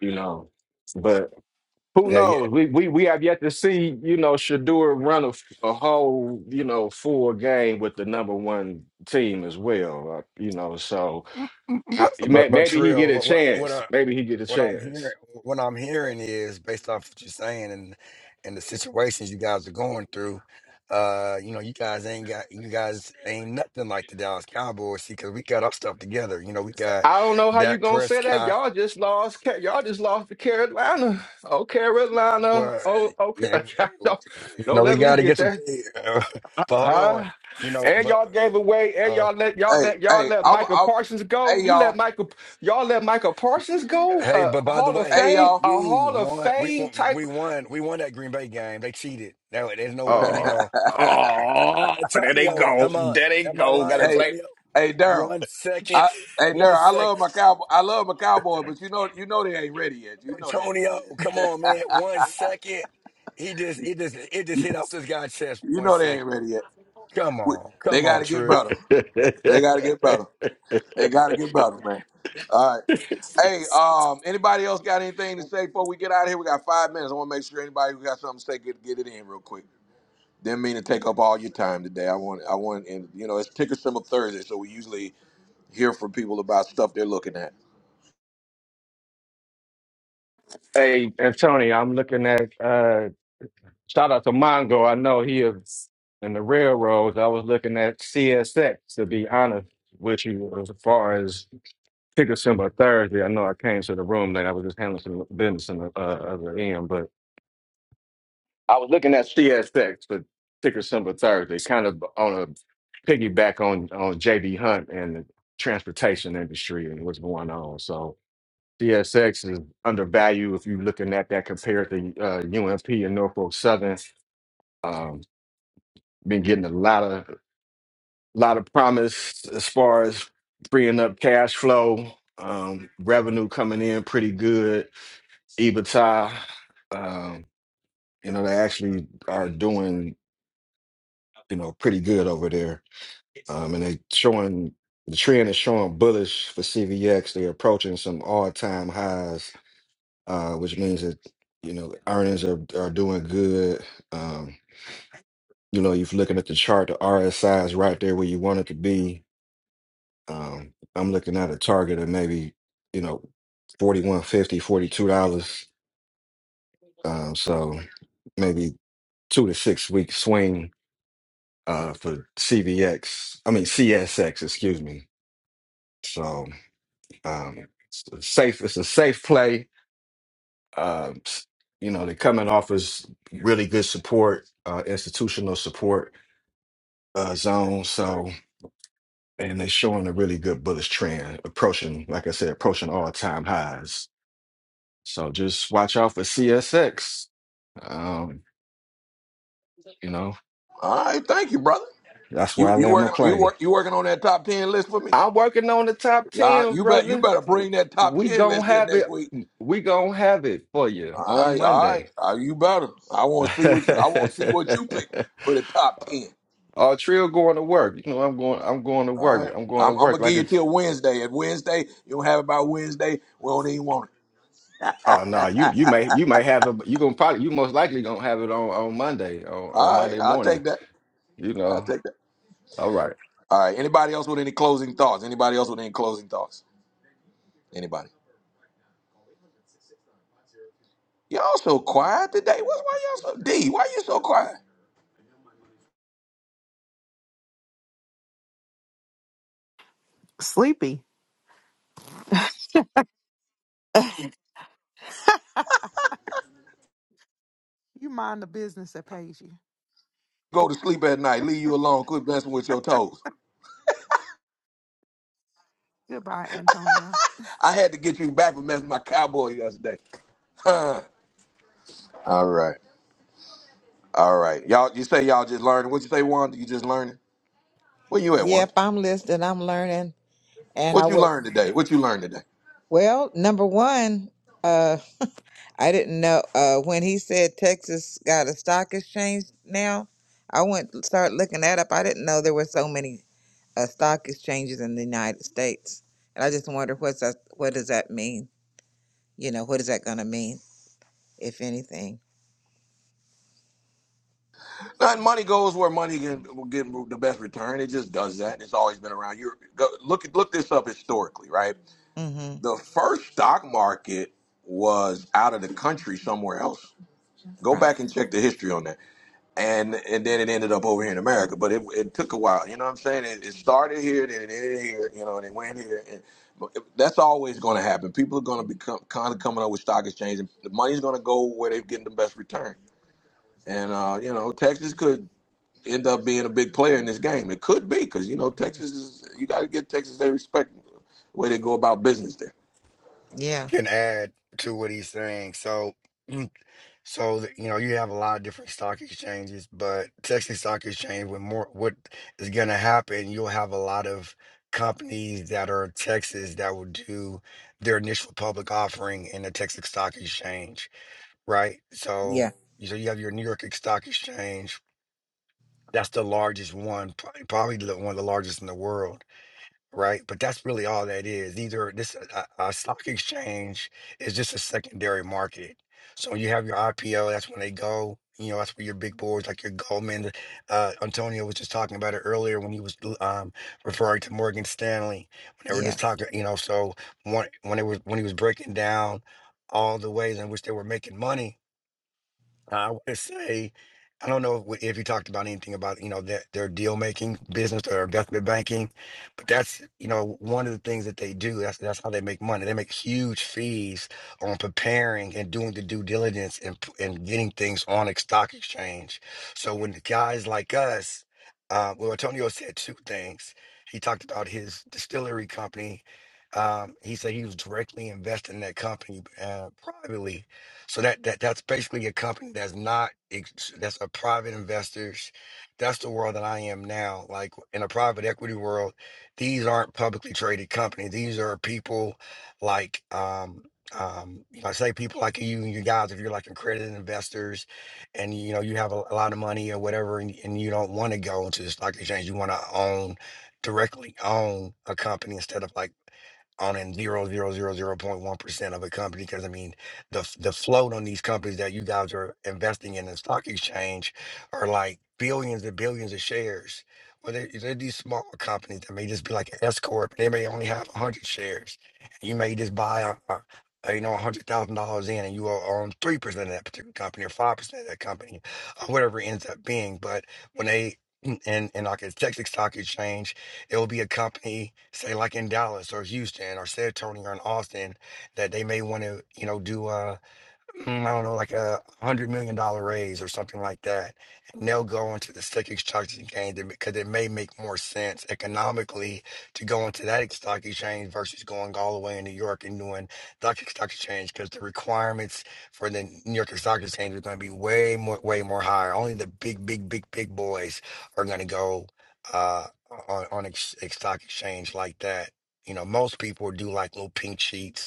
S13: you know. But who
S11: Yeah, yeah.
S13: knows? We we we have yet to see, you know, Shadur run a a whole, you know, full game with the number one team as well, uh, you know. So I,
S11: But
S13: may-
S11: but but
S13: maybe he get
S11: Trill,
S13: a
S11: what what what?
S13: chance.
S11: uh,
S13: Maybe he get a
S11: what I'm
S13: chance.
S11: hearing, what I'm hearing is based off what you're saying and and the situations you guys are going through. Uh, you know, you guys ain't got, you guys ain't nothing like the Dallas Cowboys. See, because we got our stuff together. You know, we got
S13: I don't know how you
S11: Dak
S13: gonna say that.
S11: Prescott.
S13: Y'all just lost. Ca- Y'all just lost to Carolina. Oh, Carolina.
S11: Well,
S13: Oh, okay.
S11: you
S13: *laughs*
S11: know,
S13: don't,
S11: you know,
S13: don't
S11: we
S13: let me
S11: got to
S13: get
S11: get some.
S13: that.
S11: things, *laughs* but hold on,
S13: Ah,
S11: you know,
S13: and
S11: but
S13: y'all gave away. And
S11: uh,
S13: y'all let y'all let y'all
S1: hey,
S13: let
S1: I'm,
S13: Michael
S1: I'm,
S13: Parsons go.
S1: hey
S13: You let
S1: y'all,
S13: Michael. Y'all let Michael Parsons
S11: *laughs*
S13: go.
S11: hey,
S13: Uh,
S11: but
S13: a
S11: by the
S13: Hall of
S11: way,
S1: hey
S13: Fame.
S1: y'all,
S13: A
S11: we
S13: Hall of
S11: won. We
S13: Fame
S11: won-
S13: type.
S11: we won. We won that Green Bay game. They cheated. Now there's no way in
S1: *laughs*
S13: Oh,
S11: hell
S13: oh, there they
S11: Antonio,
S13: go.
S11: am I
S13: There they
S11: am I
S13: go. Got
S11: lying,
S13: to
S1: hey,
S13: blame.
S11: Antonio?
S1: hey Daryl,
S11: One second,
S1: I, hey
S11: one
S1: Daryl, I love
S11: second,
S1: my cowboy, I love my cowboy, but you know, you know they ain't ready yet. You know they ain't ready
S11: Antonio.
S1: yet.
S11: Come
S1: *laughs*
S11: on, man. One second. He just it just it just hit off this guy's chest.
S1: You
S11: for One
S1: know they ain't
S11: second.
S1: ready yet.
S11: Come
S1: We-
S11: on,
S1: They
S11: come
S1: got
S11: on,
S1: to get
S11: Trill.
S1: better. They got to get better. They got to get better, man. All right.
S13: *laughs*
S1: Hey, um, anybody else got anything to say before we get out of here? We got five minutes. I want to make sure anybody who got something to say get get it in real quick. Didn't mean to take up all your time today. I want, I want, and you know, it's ticker symbol Thursday, so we usually hear from people about stuff they're looking at.
S13: Hey, Antonio, I'm looking at uh shout out to Mongo. I know he is in the railroads. I was looking at CSX to be honest with you as far as ticker symbol Thursday. I know I came to the room late. I was just handling some business in the uh, other end, but I was looking at CSX for ticker symbol Thursday, kind of on a piggyback on on JB Hunt and the transportation industry and what's going on. So CSX is undervalued if you're looking at that compared to uh, UMP and Norfolk Southern. Um, been getting a lot of lot of promise as far as freeing up cash flow, um, revenue coming in pretty good, EBITDA. Um, you know, they actually are doing you know pretty good over there, um, and they showing the trend is showing bullish for CVX. They're approaching some all time highs uh, which means that you know earnings are are doing good. Um, you know, if you're looking at the chart, the RSI is right there where you want it to be. Um, I'm looking at a target of maybe you know forty one fifty, forty two dollars. Um, so maybe two to six week swing uh, for CVX. I mean CSX, excuse me. So um, it's a safe. It's a safe play Um, s- you know, they come and offers really good support, uh, institutional support uh, zone. So, and they showing a really good bullish trend, approaching, like I said, approaching all time highs. So just watch out for CSX. Um, you know,
S1: All right, thank you, brother.
S13: that's where
S1: You
S13: I
S1: you
S13: land my
S1: working you
S13: plane.
S1: work you working on that top ten list for me?
S13: I'm working on the top
S1: Yeah,
S13: 10,
S1: you bet you
S13: brother.
S1: better bring that top
S13: We
S1: ten
S13: gonna
S1: list here
S13: have
S1: next
S13: it.
S1: week.
S13: We gonna have it for you
S1: All
S13: on
S1: right, all right,
S13: Monday.
S1: Uh, you better. I want to see what you I want to see what you pick
S13: *laughs*
S1: for the top ten.
S13: Oh, Trill going to work. You know, I'm going. I'm going to
S1: All
S13: work.
S1: right.
S13: I'm going to
S1: I'm, I'm gonna
S13: work.
S1: give
S13: Like
S1: you
S13: it's.
S1: till Wednesday. At Wednesday, you don't have it by Wednesday. We don't even want it.
S13: Oh no, you you may you may have it. You gonna probably you most likely gonna have it on on Monday on, on
S1: All right,
S13: Monday
S1: I'll
S13: morning.
S1: take that.
S13: You
S1: I'll
S13: know.
S1: take that.
S13: All right.
S1: All right. Anybody else with any closing thoughts? Anybody else with any closing thoughts? Anybody? Y'all so quiet today. What's why y'all so D? Why you so quiet?
S14: Sleepy. *laughs* You mind the business that pays you.
S1: Go to sleep at night. Leave you alone. Quit messing with your toes.
S14: Goodbye, Antonio.
S1: I had to get you back for messing with my cowboy yesterday. Huh. *laughs* All right. All right. Y'all you say y'all just learning. What you say, Wanda? You just learning? Where you at,
S6: Yep,
S1: Wanda?
S6: I'm listening. I'm learning. And I
S1: What you
S6: was,
S1: learned today? What you learned today?
S6: well, number one, uh, I didn't know uh, when he said Texas got a stock exchange now. I went to start looking that up. I didn't know there were so many uh, stock exchanges in the United States. And I just wonder what's that, what does that mean? You know, what is that going to mean, if anything?
S1: And money goes where money can will get the best return. It just does that. It's always been around. You go look look this up historically, right?
S6: Mm-hmm.
S1: The first stock market was out of the country somewhere else. Go
S6: Right.
S1: back and check the history on that, and and then it ended up over here in America. But it, it took a while. You know what I'm saying? It, it started here, then it ended here. You know, and it went here. And but it- that's always going to happen. People are going to become kind of coming up with stock exchange, and the money's going to go where they're getting the best return. And uh, you know, Texas could end up being a big player in this game. It could be because you know Texas is you got to give Texas their respect the way they go about business there.
S6: Yeah.
S11: Can add to what he's saying. So. So you know you have a lot of different stock exchanges, but Texas Stock Exchange, with more, what is going to happen? You'll have a lot of companies that are Texas that will do their initial public offering in the Texas Stock Exchange, right?
S6: Yeah.
S11: So, so you have your New York Stock Exchange. That's the largest one, pro- probably the- one of the largest in the world right? But that's really all that is. Either this a, a stock exchange is just a secondary market. So when you have your IPO, that's when they go. You know, that's where your big boards like your Goldman. Uh, Antonio was just talking about it earlier when he was um, referring to Morgan Stanley. When they were
S6: Yeah.
S11: just talking, you know, so when when it was when he was breaking down all the ways in which they were making money, I would say, I don't know if, if you talked about anything about, you know, that their deal making business or investment banking, but that's, you know, one of the things that they do. That's that's how they make money. They make huge fees on preparing and doing the due diligence and p- and getting things on a stock exchange. So when the guys like us, uh, well, Antonio said two things. He talked about his distillery company. Um, he said he was directly invested in that company uh, privately so that, that that's basically a company that's not ex- that's a private investors. That's the world that I am now. Like in a private equity world, these aren't publicly traded companies. These are people like um um you know, I say people like you and you guys if you're like accredited investors and you know you have a, a lot of money or whatever and, and you don't want to go into the stock exchange, you want to own directly own a company instead of like owning zero zero zero zero point one percent of a company because I mean the the float on these companies that you guys are investing in the stock exchange are like billions and billions of shares. Well, there there are these small companies that may just be like an S corp. They may only have a hundred shares. You may just buy a, a a, you know a hundred thousand dollars in, and you are on three percent of that particular company or five percent of that company, or whatever it ends up being. But when they mm, and and like a Texas Stock Exchange, it will be a company, say like in Dallas or Houston or San Antonio or in Austin that they may want to, you know, do a, mm, I don't know, like a hundred million dollar raise or something like that. And they'll go into the stock exchange game then because it may make more sense economically to go into that stock exchange versus going all the way in New York and doing the stock exchange because the requirements for the New York Stock Exchange are going to be way more, way more higher. Only the big, big, big, big boys are going to go uh, on on ex- ex- stock exchange like that. You know, most people do like little pink sheets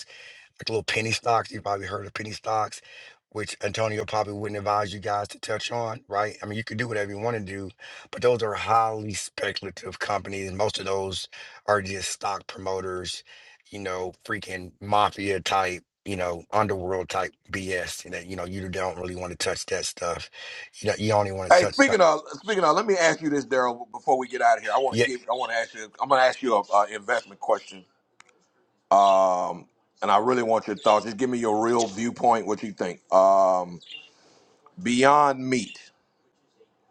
S11: like little penny stocks. You probably heard of penny stocks, which Antonio probably wouldn't advise you guys to touch on, right? I mean, you can do whatever you want to do, but those are highly speculative companies. And most of those are just stock promoters, you know, freaking mafia type. You know, underworld type BS. And that you know, you don't really want to touch that stuff. You know, you only want to
S1: Hey,
S11: touch stuff.
S1: speaking of speaking of, let me ask you this, Daryl. Before we get out of here, I want
S11: Yeah.
S1: to give I want to ask you. I'm going to ask you an uh, investment question, um, and I really want your thoughts. Just give me your real viewpoint. What you think? Um, Beyond Meat,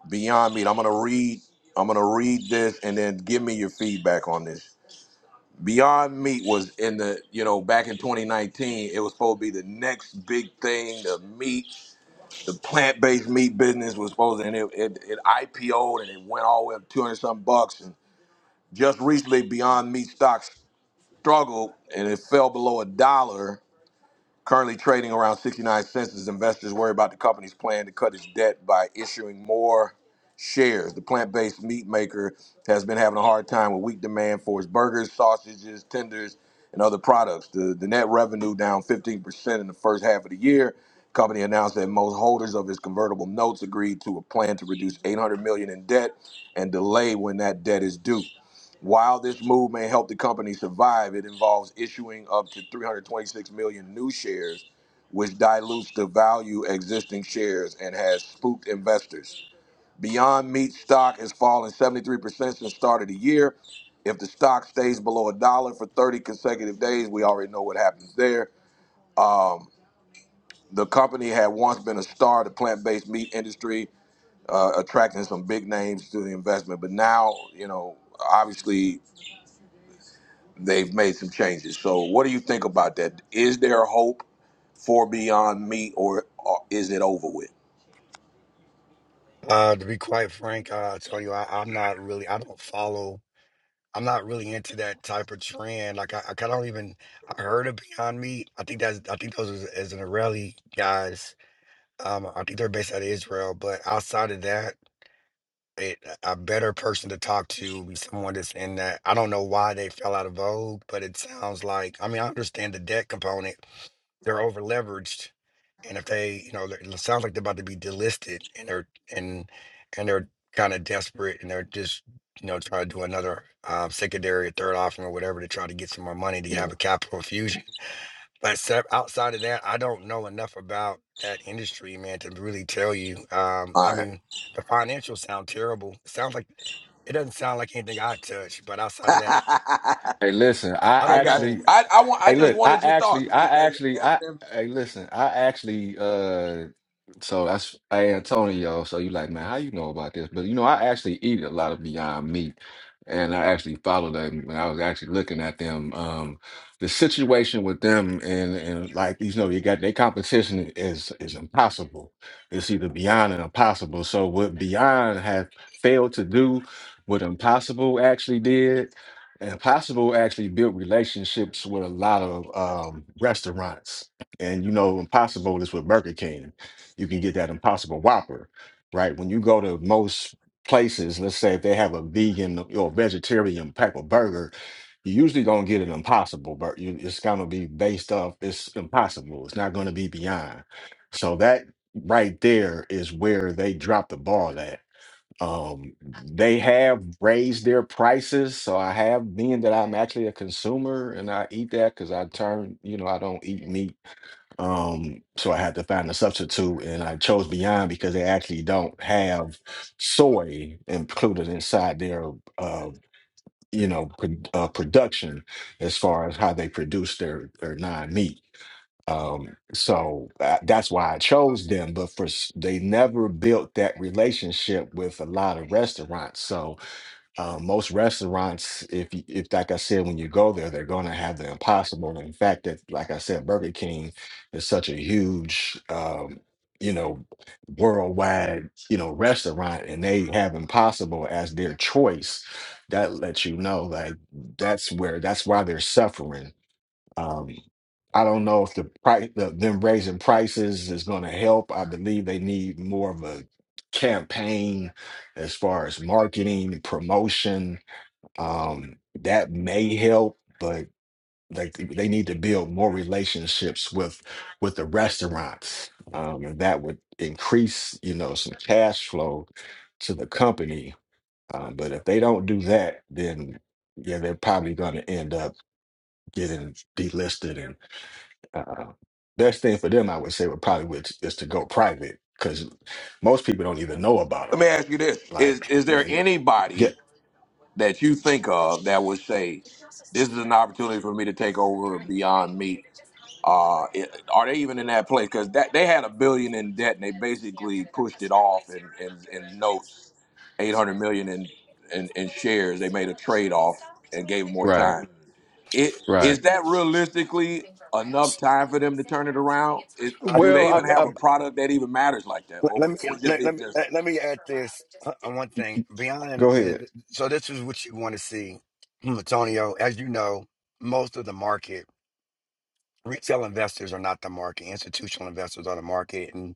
S1: Beyond Meat. I'm going to read. I'm going to read this, and then give me your feedback on this. Beyond Meat was in the, you know, back in 2019, it was supposed to be the next big thing. The meat, the plant-based meat business was supposed to, and it, it, it IPO'd and it went all the way up 200 something bucks. And just recently, Beyond Meat stock struggled and it fell below a dollar. Currently trading around 69 cents as investors worry about the company's plan to cut its debt by issuing more shares. The plant based meat maker has been having a hard time with weak demand for its burgers, sausages, tenders, and other products. The, the net revenue down 15% in the first half of the year. Company announced that most holders of its convertible notes agreed to a plan to reduce 800 million in debt and delay when that debt is due. While this move may help the company survive, it involves issuing up to 326 million new shares, which dilutes the value of existing shares and has spooked investors. Beyond Meat stock has fallen 73% since the start of the year. If the stock stays below a dollar for 30 consecutive days, we already know what happens there. Um, the company had once been a star of the plant-based meat industry, uh, attracting some big names to the investment, but now, you know, obviously they've made some changes. So, what do you think about that? Is there hope for Beyond Meat, or, or is it over with?
S11: Uh, to be quite frank, uh, Antonio, I, I'm not really. I don't follow I'm not really into that type of trend. Like I, I don't even I heard of Beyond Meat. I think that's I think those is, is an Israeli guys. Um, I think they're based out of Israel. But outside of that, it, a better person to talk to would be someone that's in that. I don't know why they fell out of vogue, but it sounds like I mean I understand the debt component. They're over leveraged and if they, you know, they're- it sounds like they're about to be delisted, and they're and and they're kind of desperate, and they're just, you know, trying to do another um, secondary or third offering or whatever to try to get some more money to have
S1: Mm.
S11: a capital infusion. But se- outside of that, I don't know enough about that industry, man, to really tell you. Um, I
S1: All right,
S11: mean, the financials sound terrible. It sounds like it doesn't sound like anything I touch. But outside of that, I,
S1: *laughs*
S13: Hey, listen. I
S11: I
S1: I
S11: don't
S1: got. you.
S13: actually
S11: know.
S1: I I want. I
S13: Hey,
S1: just
S13: look, I
S1: wanted your thoughts.
S13: actually,
S1: As,
S13: I
S1: as,
S13: actually, I
S1: as-
S13: hey, listen, I actually, uh, so that's hey Antonio. So you like, man, how you know about this? But you know, I actually eat a lot of Beyond Meat, and I actually followed them when I was actually looking at them. Um, the situation with them and and like you know, you got their competition is is impossible. It's either Beyond and Impossible. So what Beyond have failed to do, what Impossible actually did. And Impossible actually built relationships with a lot of um, restaurants. And you know, Impossible is with Burger King. You can get that Impossible Whopper, right? When you go to most places, let's say if they have a vegan or vegetarian type of burger, you usually gonna get an Impossible burger. It's gonna be based off it's Impossible. It's not gonna be beyond. So that right there is where they drop the ball at um, they have raised their prices, so I have being that I'm actually a consumer and I eat that because I turn, you know, I don't eat meat. Um, so I had to find a substitute, and I chose Beyond because they actually don't have soy included inside their, uh, you know, pro- uh, production as far as how they produce their their non meat. Um, so uh, that's why I chose them. But for s- they never built that relationship with a lot of restaurants. So uh, most restaurants, if you, if like I said, when you go there, they're going to have the impossible. And In fact, that like I said, Burger King is such a huge, um, you know, worldwide, you know, restaurant, and they have impossible as their choice. That lets you know, like that's where that's why they're suffering um, I don't know if the price, the, them raising prices is going to help. I believe they need more of a campaign as far as marketing, promotion. Um, that may help, but like they need to build more relationships with with the restaurants, um, and that would increase, you know, some cash flow to the company. Um, but if they don't do that, then yeah, they're probably going to end up getting delisted uh, best thing for them, I would say, would probably would, is to go private because most people don't even know about
S1: let
S13: them.
S1: me ask you this: Is
S13: Like,
S1: is there
S13: man,
S1: anybody
S13: get
S1: that you think of that would say this is an opportunity for me to take over Beyond Meat? Uh, it- are they even in that place? Because that they had a billion in debt, and they basically pushed it off in, in, in notes, eight hundred million in, in in shares. They made a trade off and gave them more time. It
S13: right.
S1: is that realistically enough time for them to turn it around? Is,
S11: I,
S13: Well,
S1: do they even
S11: I,
S1: have a product that even matters like that,
S11: let,
S1: or
S11: let
S1: we,
S11: me
S1: we just
S11: let,
S1: need
S11: let
S1: to
S11: me
S1: just?
S11: let, let me add this uh, on one thing beyond
S13: go
S11: the,
S13: ahead.
S11: the- so this is what you want to see Hmm, antonio as you know most of the market retail investors are not the market institutional investors are the market and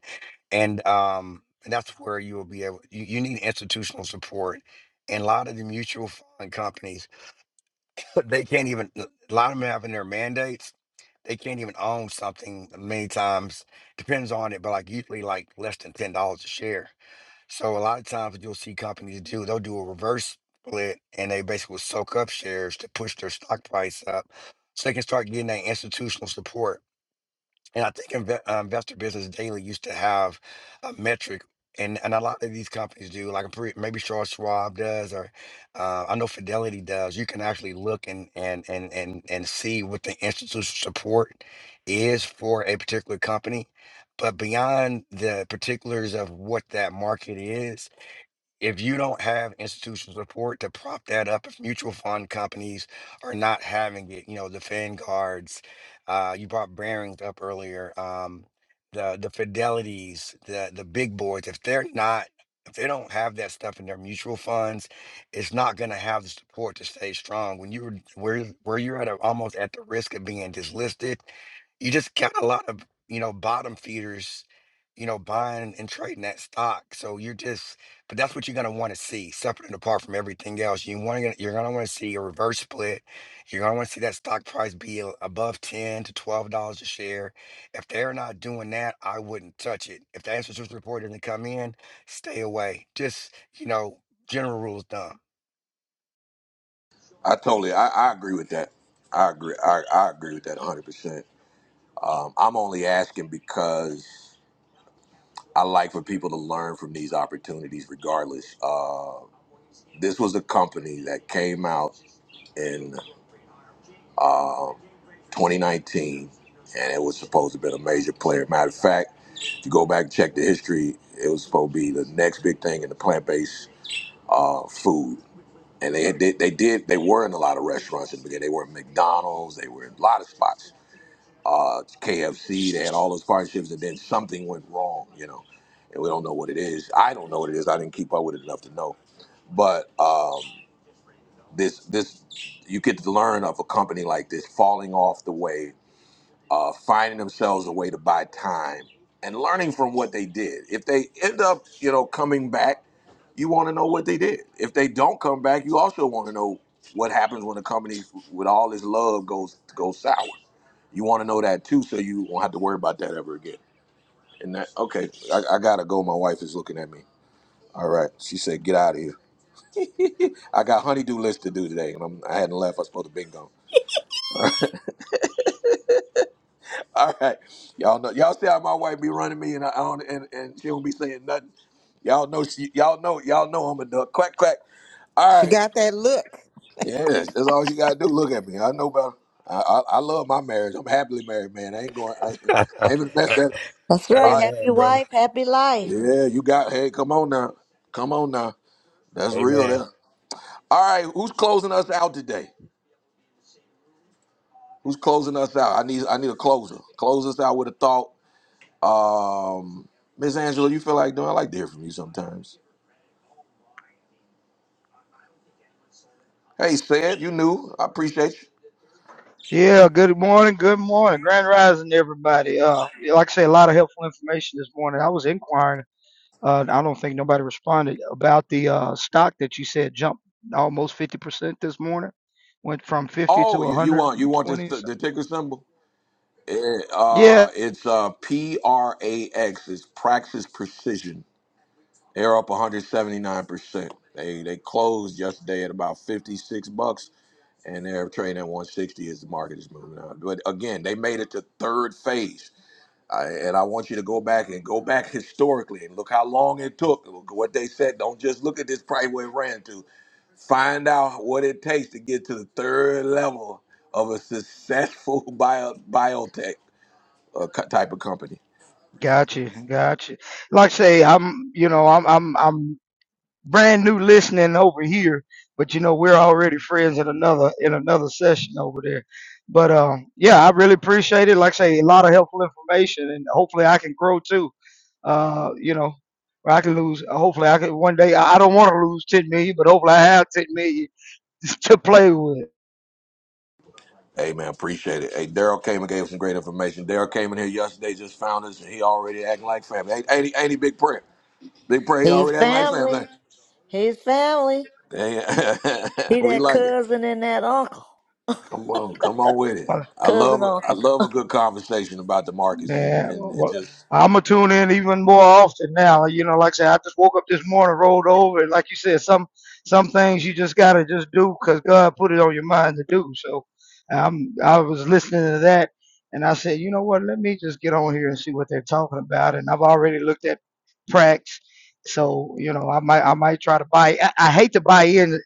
S11: and um and that's where you will be able you, you need institutional support and a lot of the mutual fund companies *laughs* they can't even a lot of them have in their mandates they can't even own something many times depends on it but like usually like less than ten dollars a share so a lot of times what you'll see companies do, they'll do a reverse split and they basically will soak up shares to push their stock price up so they can start getting that institutional support. And I think Inve- uh, Investor Business Daily used to have a metric, and, and a lot of these companies do, like I'm pretty- maybe Charles Schwab does, or uh, I know Fidelity does. You can actually look and, and, and, and, and see what the institutional support is for a particular company. But beyond the particulars of what that market is, if you don't have institutional support to prop that up, if mutual fund companies are not having it, you know, the Vanguards, uh, you brought Baring's up earlier, um, the the Fidelities, the the big boys, if they're not if they don't have that stuff in their mutual funds, it's not going to have the support to stay strong. When you were where where you're at a, almost at the risk of being dislisted, you just got a lot of you know bottom feeders you know buying and trading that stock so you're just but that's what you're gonna want to see, separate and apart from everything else. You want to, you're gonna want to see a reverse split. You're gonna want to see that stock price be a- above ten to twelve dollars a share. If they're not doing that, I wouldn't touch it. If the antitrust report doesn't come in, stay away. Just you know, general rules, dumb.
S1: I totally, I, I agree with that. I agree. I, I agree with that 100. percent um, I'm only asking because I like for people to learn from these opportunities, regardless. Uh, this was a company that came out in uh, 2019, and it was supposed to have been a major player. Matter of fact, if you go back and check the history, it was supposed to be the next big thing in the plant-based uh, food. And they, they they did they were in a lot of restaurants in the beginning. They were in McDonald's. They were in a lot of spots uh, KFC. They had all those partnerships, and then something went wrong, you know, and we don't know what it is. I don't know what it is. I didn't keep up with it enough to know. But um, this, this, you get to learn of a company like this falling off the way, uh, finding themselves a way to buy time, and learning from what they did. If they end up, you know, coming back, you want to know what they did. If they don't come back, you also want to know what happens when a company with all this love goes goes sour you want to know that too, so you won't have to worry about that ever again. And that, okay, I, I gotta go. My wife is looking at me. All right, she said, get out of here. *laughs* I got honeydew list to do today, and I'm, I hadn't left. I was supposed to be gone. *laughs* All right, y'all know, y'all see how my wife be running me, and I, I don't, and, and she don't be saying nothing. Y'all know she, y'all know, y'all know I'm a duck. Quack quack. All
S6: She
S1: right,
S6: got that look.
S1: yeah, that's all you gotta do. Look at me. I know about. I, I, I love my marriage. I'm happily married, man. I ain't going. I, ain't-
S11: *laughs*
S1: I ain't even mess that up.
S2: that's
S1: All
S2: right
S1: right.
S2: happy
S11: Amen, brother.
S2: wife happy life
S1: Yeah, you got. Hey, come on now. Come on now. That's real
S11: Amen.
S1: there. All right, who's closing us out today? Who's closing us out? I need I need a closer. Close us out with a thought. Um Miss Angela, you feel like doing? I like to hear from you sometimes. Hey, said you knew. I appreciate you.
S15: Yeah, good morning, good morning, grand rising, everybody. Uh, yeah, like I say, a lot of helpful information this morning. I was inquiring. Uh, I don't think nobody responded about the uh, stock that you said jumped almost fifty percent this morning. Went from fifty to
S1: Oh,
S15: one
S1: you, you
S15: hundred
S1: want you
S15: and
S1: want this
S15: twenty.
S1: the,
S15: So.
S1: ticker symbol? It,
S15: Yeah,
S1: uh, it's uh P R A X. It's Praxis Precision. They're up 179 percent. They they closed yesterday at about 56 bucks. and they're trading at 160 as the market is moving on. But again, they made it to third phase, I, and I want you to go back and go back *laughs* historically and look how long it took. Look what they said. Don't just look at this price where it ran to. Find out what it takes to get to the third level of a successful *laughs* bio, biotech uh, co- type of company.
S15: got you, got you. Like I say, I'm, you know, I'm, I'm, I'm. brand new listening over here, but you know we're already friends in another in another session over there. But um, yeah, I really appreciate it. Like I say, a lot of helpful information, and hopefully I can grow too. Uh, you know, where I can lose. Hopefully I can one day. I I don't want to lose ten million, but hopefully I have ten million *laughs* to play with.
S1: Hey man, appreciate it. Hey, Daryl came and gave us some great information. Daryl came in here yesterday, just found us, and he already acting like family. Ain't, ain't, he, ain't he big prayer? Big prayer, he
S2: leave
S1: already acting like
S2: family
S1: family.
S2: His family.
S1: Hey, *laughs*
S2: He
S1: we
S2: that
S1: like it.
S2: cousin and that uncle.
S1: Come on, come on with it. I love
S2: Cousin
S1: a- I
S2: uncle.
S1: love a good conversation about the markets and,
S15: Yeah,
S1: and it
S15: well,
S1: just
S15: I'm gonna tune in even more often now. You know, like I said, I just woke up this morning, rolled over, and like you said, some some things you just gotta just do 'cause God put it on your mind to do. So, I'm I was listening to that, and I said, you know what? Let me just get on here and see what they're talking about. And I've already looked at Prax, so you know, I might I might try to buy. I, I hate to buy in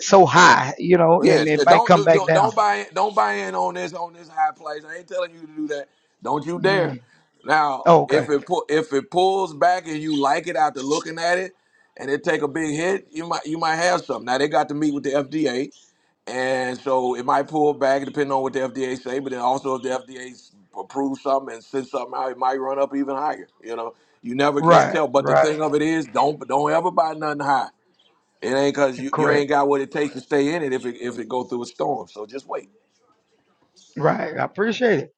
S15: so high, you know,
S1: yeah.
S15: and it might
S1: Don't
S15: come
S1: do
S15: back
S1: don't,
S15: down.
S1: don't buy in, don't buy in on this on this high place. I ain't telling you to do that. Don't you dare.
S15: Mm.
S1: Now
S15: Oh,
S1: if
S15: okay,
S1: it pull, if it pulls back and you like it after looking at it and it take a big hit, you might you might have something. Now they got to meet with the FDA. And so it might pull back depending on what the FDA say, but then also if the FDA approves something and sends something out, it might run up even higher. You know, you never can
S15: right,
S1: tell. But the
S15: right,
S1: thing of it is, don't don't ever buy nothing high. It ain't cause you, you
S15: correct.
S1: ain't got what it takes to stay in it if it if it go through a storm. So just wait.
S15: Right. I appreciate it.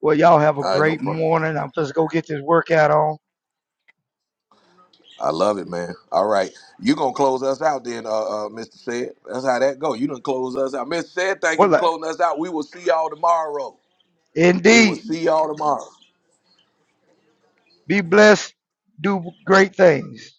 S15: Well, y'all have a
S1: All right, no
S15: great
S1: problem.
S15: morning. I'm just go get this workout on.
S1: I love it, man. All right, you gonna close us out then, uh, uh Mr. Said. That's how that go. You done close us out, Mr. Said. Thank you for
S15: Well, uh,
S1: closing us out. We will see y'all tomorrow. We will
S15: indeed,
S1: see y'all tomorrow.
S15: be blessed. Do great things.